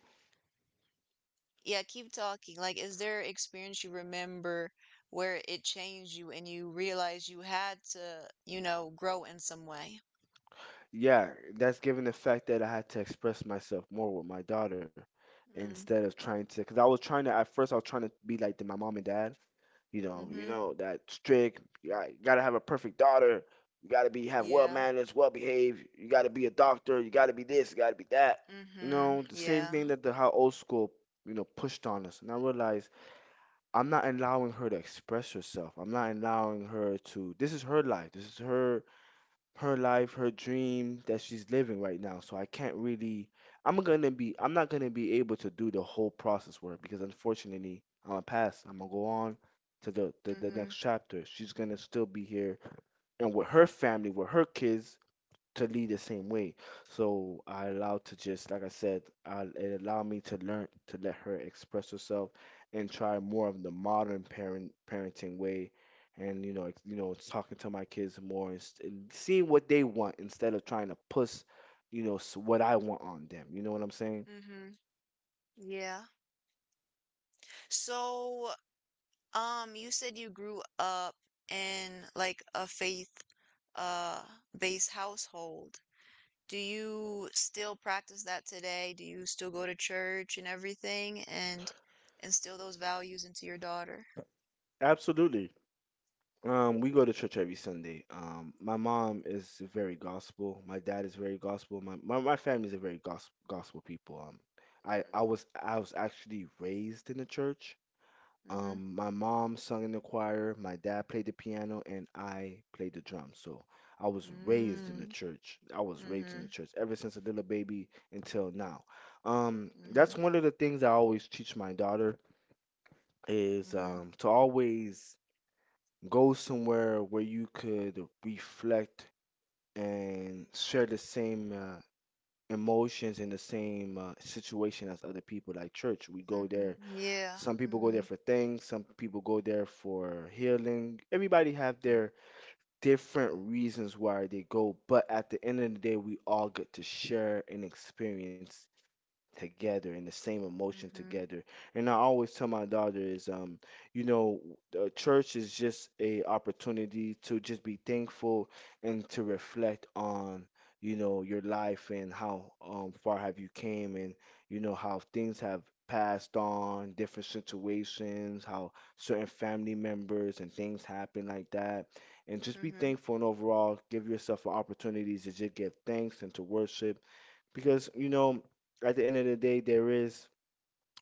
Speaker 1: yeah, keep talking. Like is there an experience you remember where it changed you and you realized you had to, you know, grow in some way?
Speaker 2: yeah, that's given the fact that I had to express myself more with my daughter instead
Speaker 1: Mm,
Speaker 2: of trying to, because I was trying to, at first, I was trying to be like the, my mom and dad, you know, you
Speaker 1: mm-hmm.
Speaker 2: know, that strict, you got- you gotta have a perfect daughter, you gotta be, have well
Speaker 1: Yeah.
Speaker 2: manners, well behaved, you gotta be a doctor, you gotta be this, you gotta be that. You
Speaker 1: Mm-hmm.
Speaker 2: know, the same
Speaker 1: Yeah.
Speaker 2: thing that the how old school, you know, pushed on us. And I realized I'm not allowing her to express herself. I'm not allowing her to, this is her life, this is her her life, her dream that she's living right now. So I can't really I'm gonna be I'm not gonna be able to do the whole process work, because unfortunately I'm gonna pass. I'm gonna go on to the, the, the
Speaker 1: Mm-hmm.
Speaker 2: next chapter. She's gonna still be here and with her family, with her kids, to lead the same way. So I allowed to just, like I said, I, it allowed me to learn to let her express herself and try more of the modern parent parenting way, and you know, ex- you know, talking to my kids more, and, s- and seeing what they want instead of trying to push, you know, s- what I want on them. You know what I'm saying?
Speaker 1: Mm-hmm. Yeah. So, um, you said you grew up in like a faith uh based household. Do you still practice that today? Do you still go to church and everything and instill those values into your daughter?
Speaker 2: Absolutely. Um, we go to church every Sunday. Um, my mom is very gospel. My dad is very gospel. My my, my family is a very gospel gospel people. Um, I I was I was actually raised in the church.
Speaker 1: Mm-hmm.
Speaker 2: Um, my mom sung in the choir. My dad played the piano, and I played the drums. So I was raised in the
Speaker 1: Mm-hmm.
Speaker 2: church. I was raised
Speaker 1: Mm-hmm.
Speaker 2: in the church ever since a little baby until now. Um,
Speaker 1: Mm-hmm.
Speaker 2: that's one of the things I always teach my daughter is
Speaker 1: Mm-hmm.
Speaker 2: um to always go somewhere where you could reflect and share the same uh, emotions and the same uh, situation as other people. Like church, we go there.
Speaker 1: Mm-hmm. Yeah.
Speaker 2: Some people go there
Speaker 1: Mm-hmm.
Speaker 2: for things, some people go there for healing. Everybody have
Speaker 1: Mm-hmm.
Speaker 2: their different reasons why they go, but at the end of the day we all get to share an experience together and the same emotion
Speaker 1: Mm-hmm.
Speaker 2: together. And I always tell my daughter is, um, you know, uh, church is just a opportunity to just be thankful and to reflect on, you know, your life and how um, far have you came and you know how things have passed on, different situations, how certain family members and things happen like that. And just be thankful and overall give yourself an opportunity to just give thanks and to worship, because you know at the end of the day there is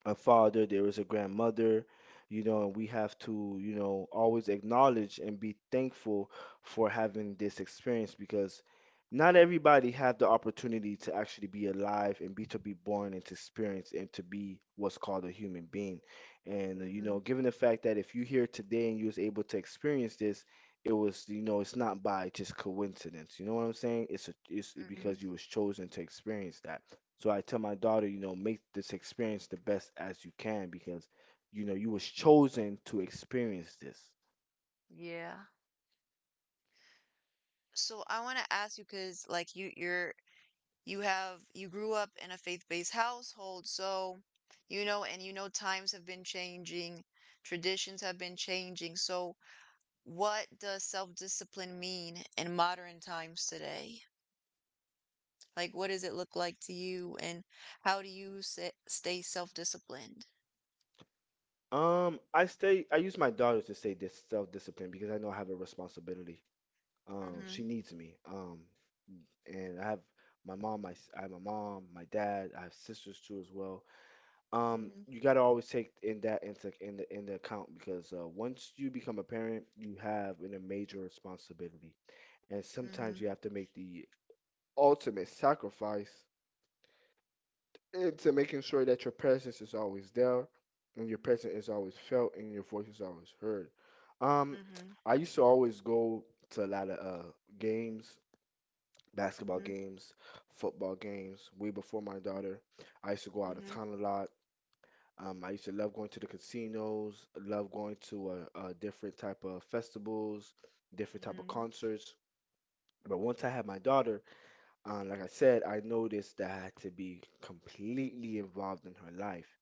Speaker 2: a father, there is a grandmother. You know and we have to, you know always acknowledge and be thankful for having this experience, because not everybody have the opportunity to actually be alive and be to be born and to experience and to be what's called a human being. And uh, you
Speaker 1: Mm-hmm.
Speaker 2: know given the fact that if you're here today and you was able to experience this, it was, you know it's not by just coincidence. You know what I'm saying? It's a, it's
Speaker 1: Mm-hmm.
Speaker 2: because you was chosen to experience that. So I tell my daughter, you know make this experience the best as you can, because you know you was chosen to experience this.
Speaker 1: Yeah. So I want to ask you because like you you're you have you grew up in a faith-based household, so you know, and you know times have been changing, traditions have been changing. So what does self discipline mean in modern times today? Like, what does it look like to you, and how do you sa- stay self disciplined?
Speaker 2: Um i stay i use my daughter to say this self-discipline, because I know I have a responsibility. Um
Speaker 1: Mm-hmm.
Speaker 2: she needs me. Um and I have my mom my s- i have my mom, my dad. I have sisters too as well. Um
Speaker 1: Mm-hmm.
Speaker 2: you got to always take in that into in the in the account, because uh, once you become a parent you have an, a major responsibility, and sometimes
Speaker 1: Mm-hmm.
Speaker 2: you have to make the ultimate sacrifice into making sure that your presence is always there and your presence is always felt and your voice is always heard. um
Speaker 1: Mm-hmm.
Speaker 2: I used to always go to a lot of uh games, basketball
Speaker 1: Mm-hmm.
Speaker 2: games, football games way before my daughter. I used to go out of
Speaker 1: Mm-hmm.
Speaker 2: town a lot. Um, I used to love going to the casinos, love going to uh, uh, different type of festivals, different type of
Speaker 1: Mm-hmm.
Speaker 2: concerts. But once I had my daughter, uh, like I said, I noticed that I had to be completely involved in her life,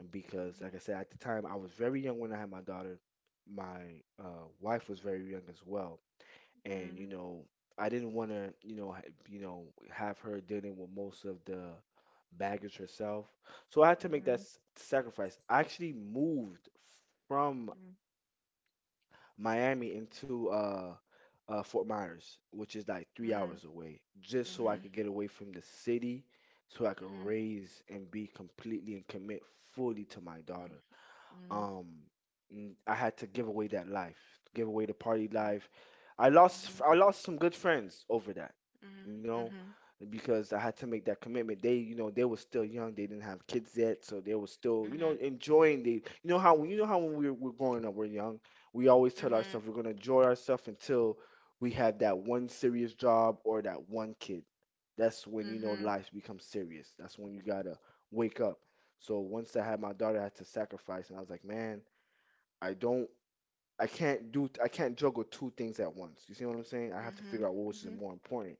Speaker 2: and because,
Speaker 1: Mm-hmm.
Speaker 2: like I said, at the time I was very young when I had my daughter. My uh, wife was very young as well,
Speaker 1: Mm-hmm.
Speaker 2: and you
Speaker 1: Mm-hmm.
Speaker 2: know I didn't want to you know ha- you know have her dealing with most of the baggage herself. So I had to make that
Speaker 1: Mm-hmm.
Speaker 2: s- sacrifice. I actually moved from Miami into uh, uh, Fort Myers, which is like three
Speaker 1: Mm-hmm.
Speaker 2: hours away, just
Speaker 1: Mm-hmm.
Speaker 2: so I
Speaker 1: Mm-hmm.
Speaker 2: could get away from the city, so I could raise and be completely and commit fully to my daughter.
Speaker 1: Mm-hmm. Mm-hmm.
Speaker 2: um mm, I had to give away that life, give away the party life. I lost
Speaker 1: Mm-hmm.
Speaker 2: I lost some good friends over that, you
Speaker 1: Mm-hmm.
Speaker 2: know,
Speaker 1: Mm-hmm.
Speaker 2: because I had to make that commitment. They, you know, they were still young, they didn't have kids yet, so they were still, you know,
Speaker 1: Mm-hmm.
Speaker 2: enjoying the, you know how You know how when we we're we're growing up, we're young, we always tell ourselves we're gonna enjoy ourselves until we have that one serious job or that one kid. That's when, you know,
Speaker 1: Mm-hmm,
Speaker 2: life becomes serious. That's when you gotta wake up. So once I had my daughter, I had to sacrifice, and I was like, man, I don't, I can't do, I can't juggle two things at once. You see what I'm saying? I have to figure out what was
Speaker 1: mm-hmm,
Speaker 2: more important,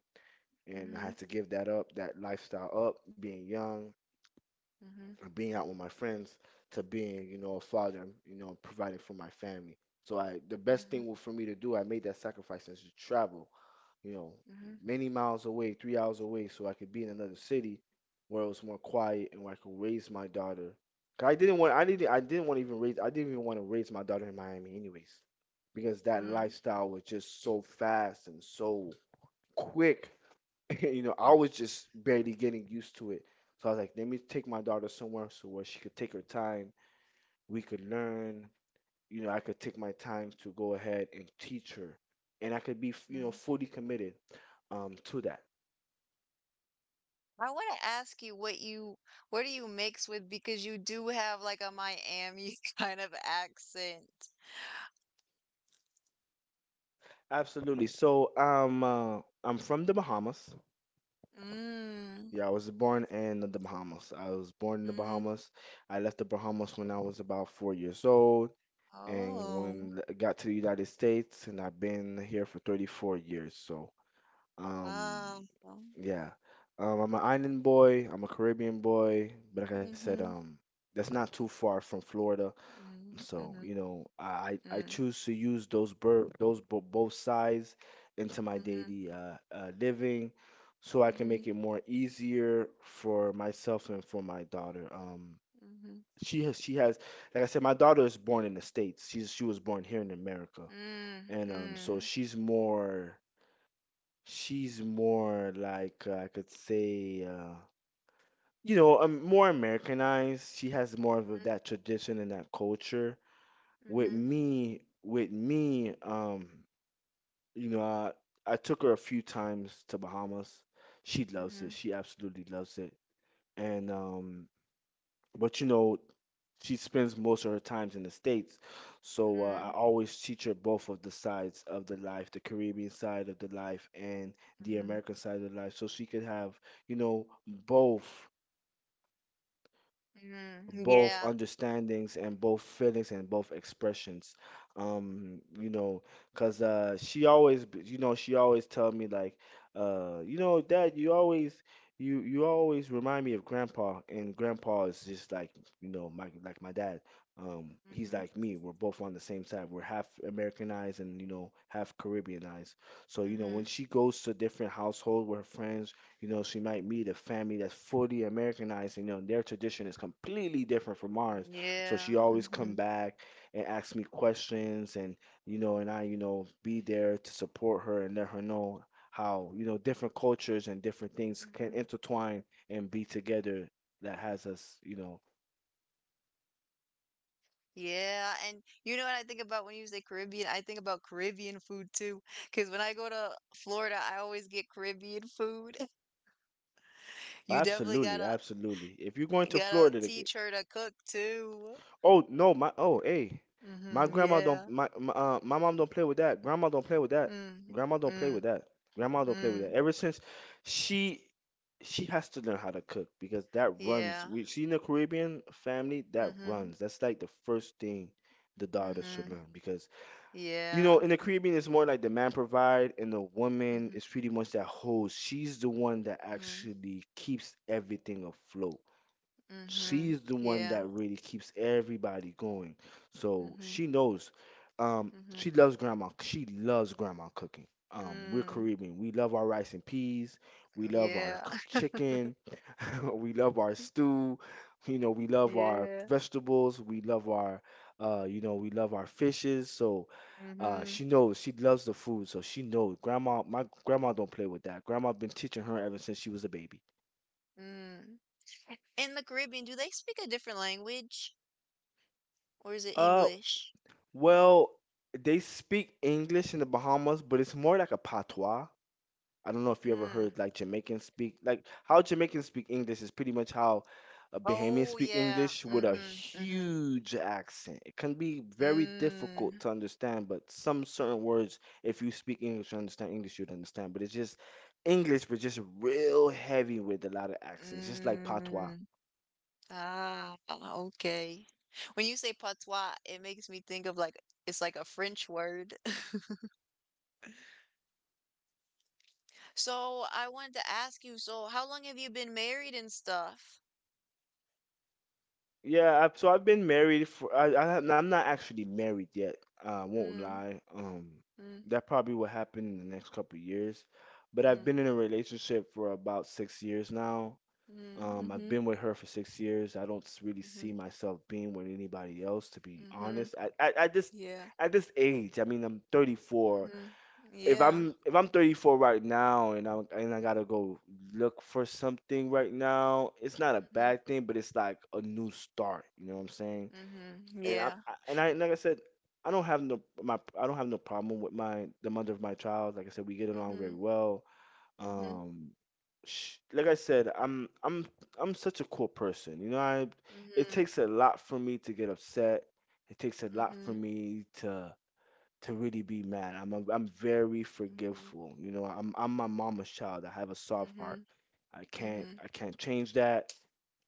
Speaker 2: and I
Speaker 1: mm-hmm,
Speaker 2: had to give that up, that lifestyle up, being young,
Speaker 1: mm-hmm,
Speaker 2: being out with my friends, to being, you know, a father, you know, providing for my family. So I, the best
Speaker 1: mm-hmm,
Speaker 2: thing wa- for me to do, I made that sacrifice, is to travel, you know,
Speaker 1: mhm,
Speaker 2: many miles away, three hours away, so I could be in another city where it was more quiet and where I could raise my daughter. 'Cause I didn't want, I didn't, I didn't want to even raise, I didn't even want to raise my daughter in Miami, anyways, because that
Speaker 1: mm,
Speaker 2: lifestyle was just so fast and so quick. You know, I was just barely getting used to it. So I was like, let me take my daughter somewhere so where she could take her time, we could learn, you know, I could take my time to go ahead and teach her, and I could be, f- you know,
Speaker 1: mhm.
Speaker 2: fully committed um, to that.
Speaker 1: I wanna ask you what you what do you mix with because you do have, like, a Miami kind of accent.
Speaker 2: Absolutely. So, um, uh, I'm from the Bahamas.
Speaker 1: Mm,
Speaker 2: Yeah, I was born in the Bahamas. I was born in the
Speaker 1: mhm.
Speaker 2: Bahamas. I left the Bahamas when I was about four years old, and
Speaker 1: Oh,
Speaker 2: when I got to the United States, and I've been here for thirty-four years. So, um,
Speaker 1: wow.
Speaker 2: yeah, um, I'm an island boy. I'm a Caribbean boy, but like I said,
Speaker 1: Mhm,
Speaker 2: um, that's not too far from Florida.
Speaker 1: mm,
Speaker 2: So,
Speaker 1: mhm,
Speaker 2: you know, I I I
Speaker 1: mm,
Speaker 2: choose to use those bur those bo both sides into my
Speaker 1: mhm,
Speaker 2: daily uh, uh living, so I can
Speaker 1: mhm,
Speaker 2: make it more easier for myself and for my daughter. Um
Speaker 1: mhm,
Speaker 2: she has she has, like I said, my daughter is born in the States. She's she was born here in America.
Speaker 1: mm,
Speaker 2: And um, so
Speaker 1: mm,
Speaker 2: she's more she's more like, uh, I could say, uh you know, um, more Americanized. She has more of that tradition and that culture. With
Speaker 1: mhm,
Speaker 2: me, with me, um, you know, I, I took her a few times to Bahamas. She
Speaker 1: mhm,
Speaker 2: loves it.
Speaker 1: mhm,
Speaker 2: She absolutely loves it. And um, but you know, she spends most of her times in the States. So uh, I
Speaker 1: mm,
Speaker 2: always teach her both of the sides of the life, the Caribbean side of the life and the
Speaker 1: mhm,
Speaker 2: American side of the life, so she could have, you know, both
Speaker 1: mm.
Speaker 2: both
Speaker 1: Yeah.
Speaker 2: understandings and both feelings and both expressions, um, you know, because uh she always b- you know she always tell me like, uh you know, dad, you always you you always remind me of grandpa, and grandpa is just like, you know, my, like, my dad, um, he's
Speaker 1: Mhm,
Speaker 2: like me. We're both on the same side. We're half americanized and, you know, half caribbeanized. So, you know, when
Speaker 1: mhm,
Speaker 2: she goes to different household with her friends, you know, she might meet a family that's fully Americanized, and you know, their tradition is completely different from ours. So
Speaker 1: yeah,
Speaker 2: she always come
Speaker 1: mhm,
Speaker 2: back and ask me questions, and you know, and I, you know, be there to support her and let her know how, you know, different cultures and different things can
Speaker 1: mhm.
Speaker 2: intertwine and be together. That has us, you know,
Speaker 1: Yeah, and you know what I think about when you say Caribbean? I think about Caribbean food too. Because when I go to Florida, I always get Caribbean food. You definitely
Speaker 2: absolutely,
Speaker 1: gotta
Speaker 2: absolutely. If you're going to
Speaker 1: gotta
Speaker 2: Florida,
Speaker 1: teach her to cook too.
Speaker 2: Oh no, my oh hey, my
Speaker 1: Mm-hmm.
Speaker 2: grandma don't
Speaker 1: Yeah.
Speaker 2: my, my uh my mom don't play with that. Grandma don't play with that.
Speaker 1: Mm.
Speaker 2: Grandma don't play with
Speaker 1: Mm.
Speaker 2: that. Grandma don't play with that.
Speaker 1: Mm.
Speaker 2: Ever since she she has to learn how to cook, because that runs.
Speaker 1: Yeah.
Speaker 2: We see in the Caribbean family that
Speaker 1: Mm-hmm.
Speaker 2: runs. That's like the first thing the daughter should
Speaker 1: Mm-hmm.
Speaker 2: learn, because you
Speaker 1: Yeah.
Speaker 2: know, in the Caribbean, it's more like the man provide and the woman
Speaker 1: Mm-hmm.
Speaker 2: is pretty much that host. She's the one that
Speaker 1: Mm-hmm.
Speaker 2: actually keeps everything afloat,
Speaker 1: Mm-hmm.
Speaker 2: she's the one
Speaker 1: Yeah.
Speaker 2: that really keeps everybody going. So
Speaker 1: Mm-hmm.
Speaker 2: she knows. Um,
Speaker 1: Mm-hmm.
Speaker 2: she loves grandma. She loves grandma cooking. Um, we're
Speaker 1: Mm.
Speaker 2: Caribbean. We love our rice and peas. We love our
Speaker 1: Yeah.
Speaker 2: c- chicken. We love our stew. You know, we love our
Speaker 1: Yeah.
Speaker 2: vegetables. We love our, uh, you know, we love our fishes. So, uh,
Speaker 1: Mm-hmm.
Speaker 2: she knows, she loves the food. So she knows grandma. My grandma don't play with that. Grandma been teaching her ever since she was a baby.
Speaker 1: Mm. In the Caribbean, do they speak a different language or is it
Speaker 2: Uh,
Speaker 1: English?
Speaker 2: Well, they speak English in the Bahamas, but it's more like a patois. I don't know if you ever
Speaker 1: Mm.
Speaker 2: heard like Jamaicans speak. Like how Jamaicans speak English is pretty much how uh, Bahamians
Speaker 1: Oh
Speaker 2: speak
Speaker 1: yeah.
Speaker 2: English, with a
Speaker 1: Mm-hmm. Mm-hmm.
Speaker 2: huge accent. It can be very difficult
Speaker 1: Mm.
Speaker 2: to understand, but some certain words, if you speak English and understand English, you'd understand. But it's just English, but just real heavy with a lot of accents, just like patois.
Speaker 1: Mm. Ah, okay. When you say patois, it makes me think of like it's like a French word. So I wanted to ask you, so how long have you been married and stuff?
Speaker 2: Yeah, I've, so I've been married for I, I ha- I'm not actually married yet. I won't
Speaker 1: Mm,
Speaker 2: lie. Um,
Speaker 1: mm,
Speaker 2: that probably will happen in the next couple of years. But I've
Speaker 1: mm,
Speaker 2: been in a relationship for about six years now.
Speaker 1: mm,
Speaker 2: Um, I've
Speaker 1: mm-hmm,
Speaker 2: been with her for six years. I don't s- really
Speaker 1: mm-hmm,
Speaker 2: see myself being with anybody else, to be
Speaker 1: mm-hmm,
Speaker 2: honest. At at, at this
Speaker 1: yeah,
Speaker 2: at this age. I mean, I'm thirty-four.
Speaker 1: mm-hmm,
Speaker 2: If
Speaker 1: yeah,
Speaker 2: I'm if I'm thirty-four right now, and I and I gotta go look for something right now, it's not a
Speaker 1: mm-hmm,
Speaker 2: bad thing, but it's like a new start. You know what I'm saying?
Speaker 1: mm-hmm,
Speaker 2: And I
Speaker 1: yeah,
Speaker 2: I- and I, like I said, I don't have no my I don't have no problem with my the mother of my child. Like I said, we get along very
Speaker 1: mm-hmm.
Speaker 2: well.
Speaker 1: Mhm.
Speaker 2: Um, sh like I said, I'm I'm I'm such a cool person. You know, I it
Speaker 1: Mhm.
Speaker 2: takes a lot for me to get upset. It takes a lot for
Speaker 1: Mhm.
Speaker 2: me to to really be mad. I'm a, I'm very
Speaker 1: Mhm.
Speaker 2: forgiveful. You know, I'm I'm my mama's child. I have a soft heart.
Speaker 1: Mhm.
Speaker 2: I can't
Speaker 1: Mhm.
Speaker 2: I can't change that.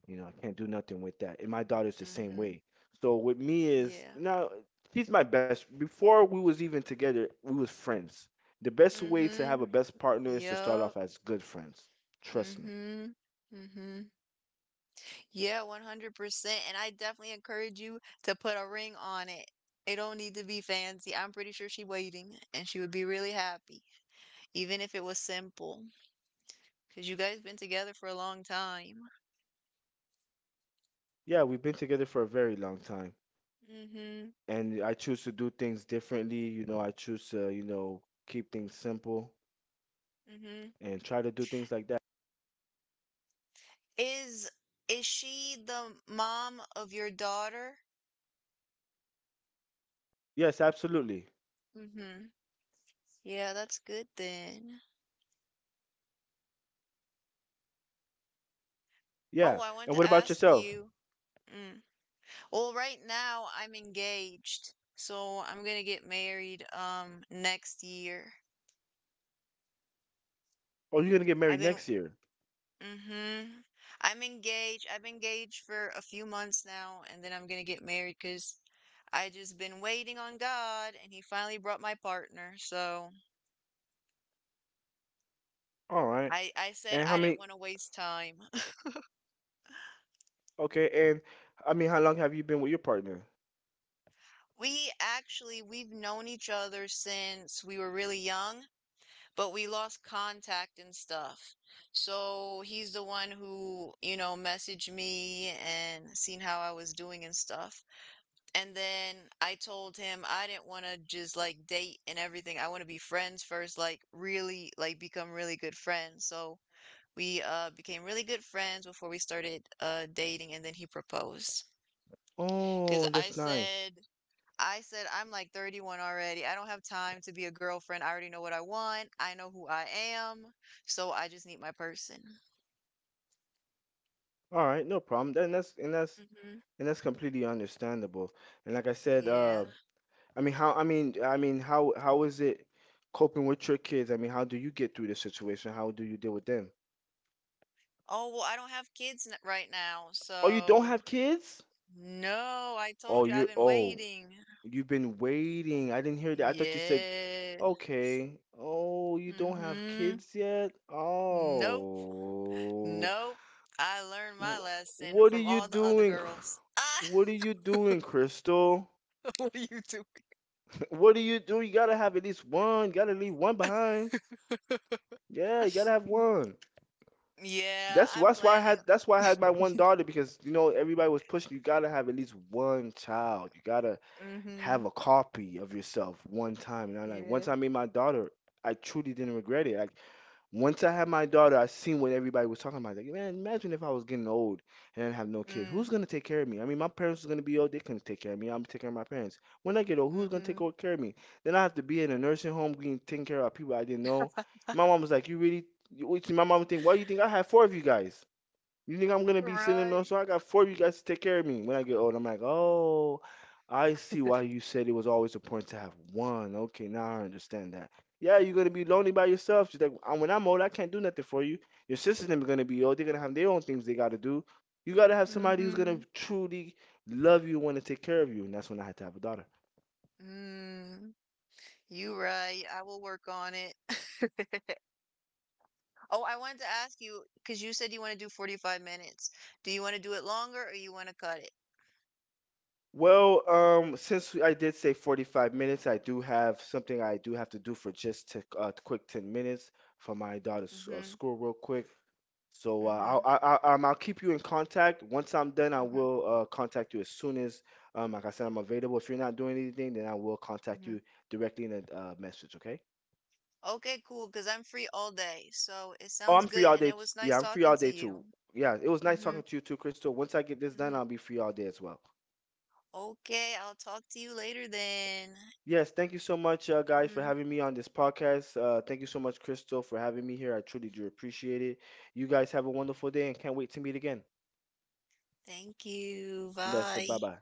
Speaker 2: You know, I can't do nothing with that. And my daughter's the same
Speaker 1: Mhm.
Speaker 2: way. So with me is,
Speaker 1: Yeah.
Speaker 2: you know, she's my best. Before we was even together, we was friends. The best way to have a
Speaker 1: Mhm.
Speaker 2: best partner is to start off
Speaker 1: Yep.
Speaker 2: as good friends. Trust me.
Speaker 1: Mhm. Mhm. Yeah, one hundred percent. And I definitely encourage you to put a ring on it. It don't need to be fancy. I'm pretty sure she waiting and she would be really happy, even if it was simple, because you guys been together for a long time.
Speaker 2: Yeah, we've been together for a very long time.
Speaker 1: Mhm.
Speaker 2: And I choose to do things differently. You know, I choose to, you know, keep things simple
Speaker 1: Mhm.
Speaker 2: and try to do things like that.
Speaker 1: Is is she the mom of your daughter?
Speaker 2: Yes, absolutely.
Speaker 1: Mhm. Yeah, that's good then. Oh,
Speaker 2: Yeah.
Speaker 1: I want
Speaker 2: And
Speaker 1: to
Speaker 2: what about
Speaker 1: ask
Speaker 2: yourself?
Speaker 1: you. Mm. Well, right now I'm engaged, so I'm gonna get married um next year.
Speaker 2: Oh, you're gonna get married
Speaker 1: I've been
Speaker 2: next year.
Speaker 1: Mm-hmm. I'm engaged. I've been engaged for a few months now, and then I'm gonna get married because I just been waiting on God, and He finally brought my partner. So
Speaker 2: All right.
Speaker 1: I I said
Speaker 2: And how
Speaker 1: I didn't
Speaker 2: many?
Speaker 1: want to waste time.
Speaker 2: Okay. And I mean, how long have you been with your partner?
Speaker 1: We actually we've known each other since we were really young. But we lost contact and stuff. So he's the one who, you know, messaged me and seen how I was doing and stuff. And then I told him I didn't want to just like date and everything. I want to be friends first, like really, like become really good friends. So we uh became really good friends before we started uh dating and then he proposed. Because
Speaker 2: Oh,
Speaker 1: I
Speaker 2: that's nice.
Speaker 1: said I said, I'm like thirty-one already. I don't have time to be a girlfriend. I already know what I want. I know who I am. So I just need my person.
Speaker 2: All right, no problem. Then that's and that's
Speaker 1: Hmm.
Speaker 2: And that's completely understandable. And like I said,
Speaker 1: Yeah.
Speaker 2: uh, I mean, how? I mean, I mean, how? How is it coping with your kids? I mean, how do you get through the situation? How do you deal with them?
Speaker 1: Oh, well, I don't have kids n- right now.
Speaker 2: Oh, you don't
Speaker 1: So
Speaker 2: have kids?
Speaker 1: no, I
Speaker 2: Oh,
Speaker 1: told you I've
Speaker 2: you're.
Speaker 1: been
Speaker 2: Oh,
Speaker 1: waiting.
Speaker 2: you've been waiting. I didn't hear that. I thought you said,
Speaker 1: Yeah.
Speaker 2: okay. Oh, you don't have
Speaker 1: Hmm.
Speaker 2: kids yet?
Speaker 1: Nope.
Speaker 2: Oh.
Speaker 1: Nope. I learned
Speaker 2: Wh-
Speaker 1: my lesson
Speaker 2: What
Speaker 1: from
Speaker 2: are you
Speaker 1: all the other
Speaker 2: doing? Cr-
Speaker 1: girls. Ah,
Speaker 2: What are you doing, Crystal?
Speaker 1: what are you doing?
Speaker 2: What are you doing? You gotta have at least one. You gotta leave one behind. Yeah, you gotta have one.
Speaker 1: Yeah,
Speaker 2: That's
Speaker 1: I'm
Speaker 2: that's why I
Speaker 1: planning.
Speaker 2: had that's why I had my one daughter, because you know, everybody was pushing. You gotta have at least one child. You gotta have
Speaker 1: Hmm.
Speaker 2: a copy of yourself one time. And I like
Speaker 1: Yeah.
Speaker 2: Once I made my daughter, I truly didn't regret it. Like once I had my daughter, I seen what everybody was talking about. Like, man, imagine if I was getting old and I have no kids. Who's
Speaker 1: Mm.
Speaker 2: gonna take care of me? I mean, my parents are gonna be old. They couldn't take care of me. I'm taking care of my parents. When I get old, who's gonna take
Speaker 1: Mhm.
Speaker 2: o- care of me? Then I have to be in a nursing home being taken care of by people I didn't know. My mom was like, "You really?" You- my mom would think, "Why do you think I had four of you guys? You think I'm gonna be sitting on?
Speaker 1: Right.
Speaker 2: So I got four of you guys to take care of me when I get old." I'm like, oh, I see why you said it was always a point to have one. Okay, now I understand that. Yeah, you're gonna be lonely by yourself. She's like, "Uh, when I'm old, I can't do nothing for you. Your sisters are gonna be old. They're gonna have their own things they gotta do. You gotta have somebody who's gonna
Speaker 1: Mhm.
Speaker 2: truly love you, and want to take care of you," and that's when I had to have a daughter.
Speaker 1: Mm. You right. I will work on it. Oh, I wanted to ask you because you said you want to do forty-five minutes. Do you want to do it longer or you want to cut it?
Speaker 2: Well, um, since I did say forty-five minutes, I do have something I do have to do for just a uh, quick ten minutes for my daughter's uh,
Speaker 1: Mhm.
Speaker 2: school, real quick. So uh, I'll,
Speaker 1: Mhm.
Speaker 2: I'll, i um, I'll keep you in contact. Once I'm done, I
Speaker 1: Mhm.
Speaker 2: will uh, contact you as soon as, um, like I said, I'm available. If you're not doing anything, then I will contact
Speaker 1: Mhm.
Speaker 2: you directly in a uh, message, okay?
Speaker 1: Okay, cool, because I'm free all day. So it
Speaker 2: Oh,
Speaker 1: sounds
Speaker 2: I'm free
Speaker 1: good
Speaker 2: all
Speaker 1: and
Speaker 2: day.
Speaker 1: it
Speaker 2: T-
Speaker 1: was
Speaker 2: yeah,
Speaker 1: nice
Speaker 2: I'm free
Speaker 1: talking
Speaker 2: all
Speaker 1: to
Speaker 2: day too.
Speaker 1: you.
Speaker 2: Yeah, it was nice talking
Speaker 1: Mhm.
Speaker 2: to you too, Crystal. Once I get this done,
Speaker 1: Mhm.
Speaker 2: I'll be free all day as well.
Speaker 1: Okay, I'll talk to you later then.
Speaker 2: Yes, thank you so much, uh, guys, for
Speaker 1: Mhm.
Speaker 2: having me on this podcast. Uh, thank you so much, Crystal, for having me here. I truly do appreciate it. You guys have a wonderful day and can't wait to meet again.
Speaker 1: Thank you.
Speaker 2: That's a bye
Speaker 1: Bye.
Speaker 2: bye.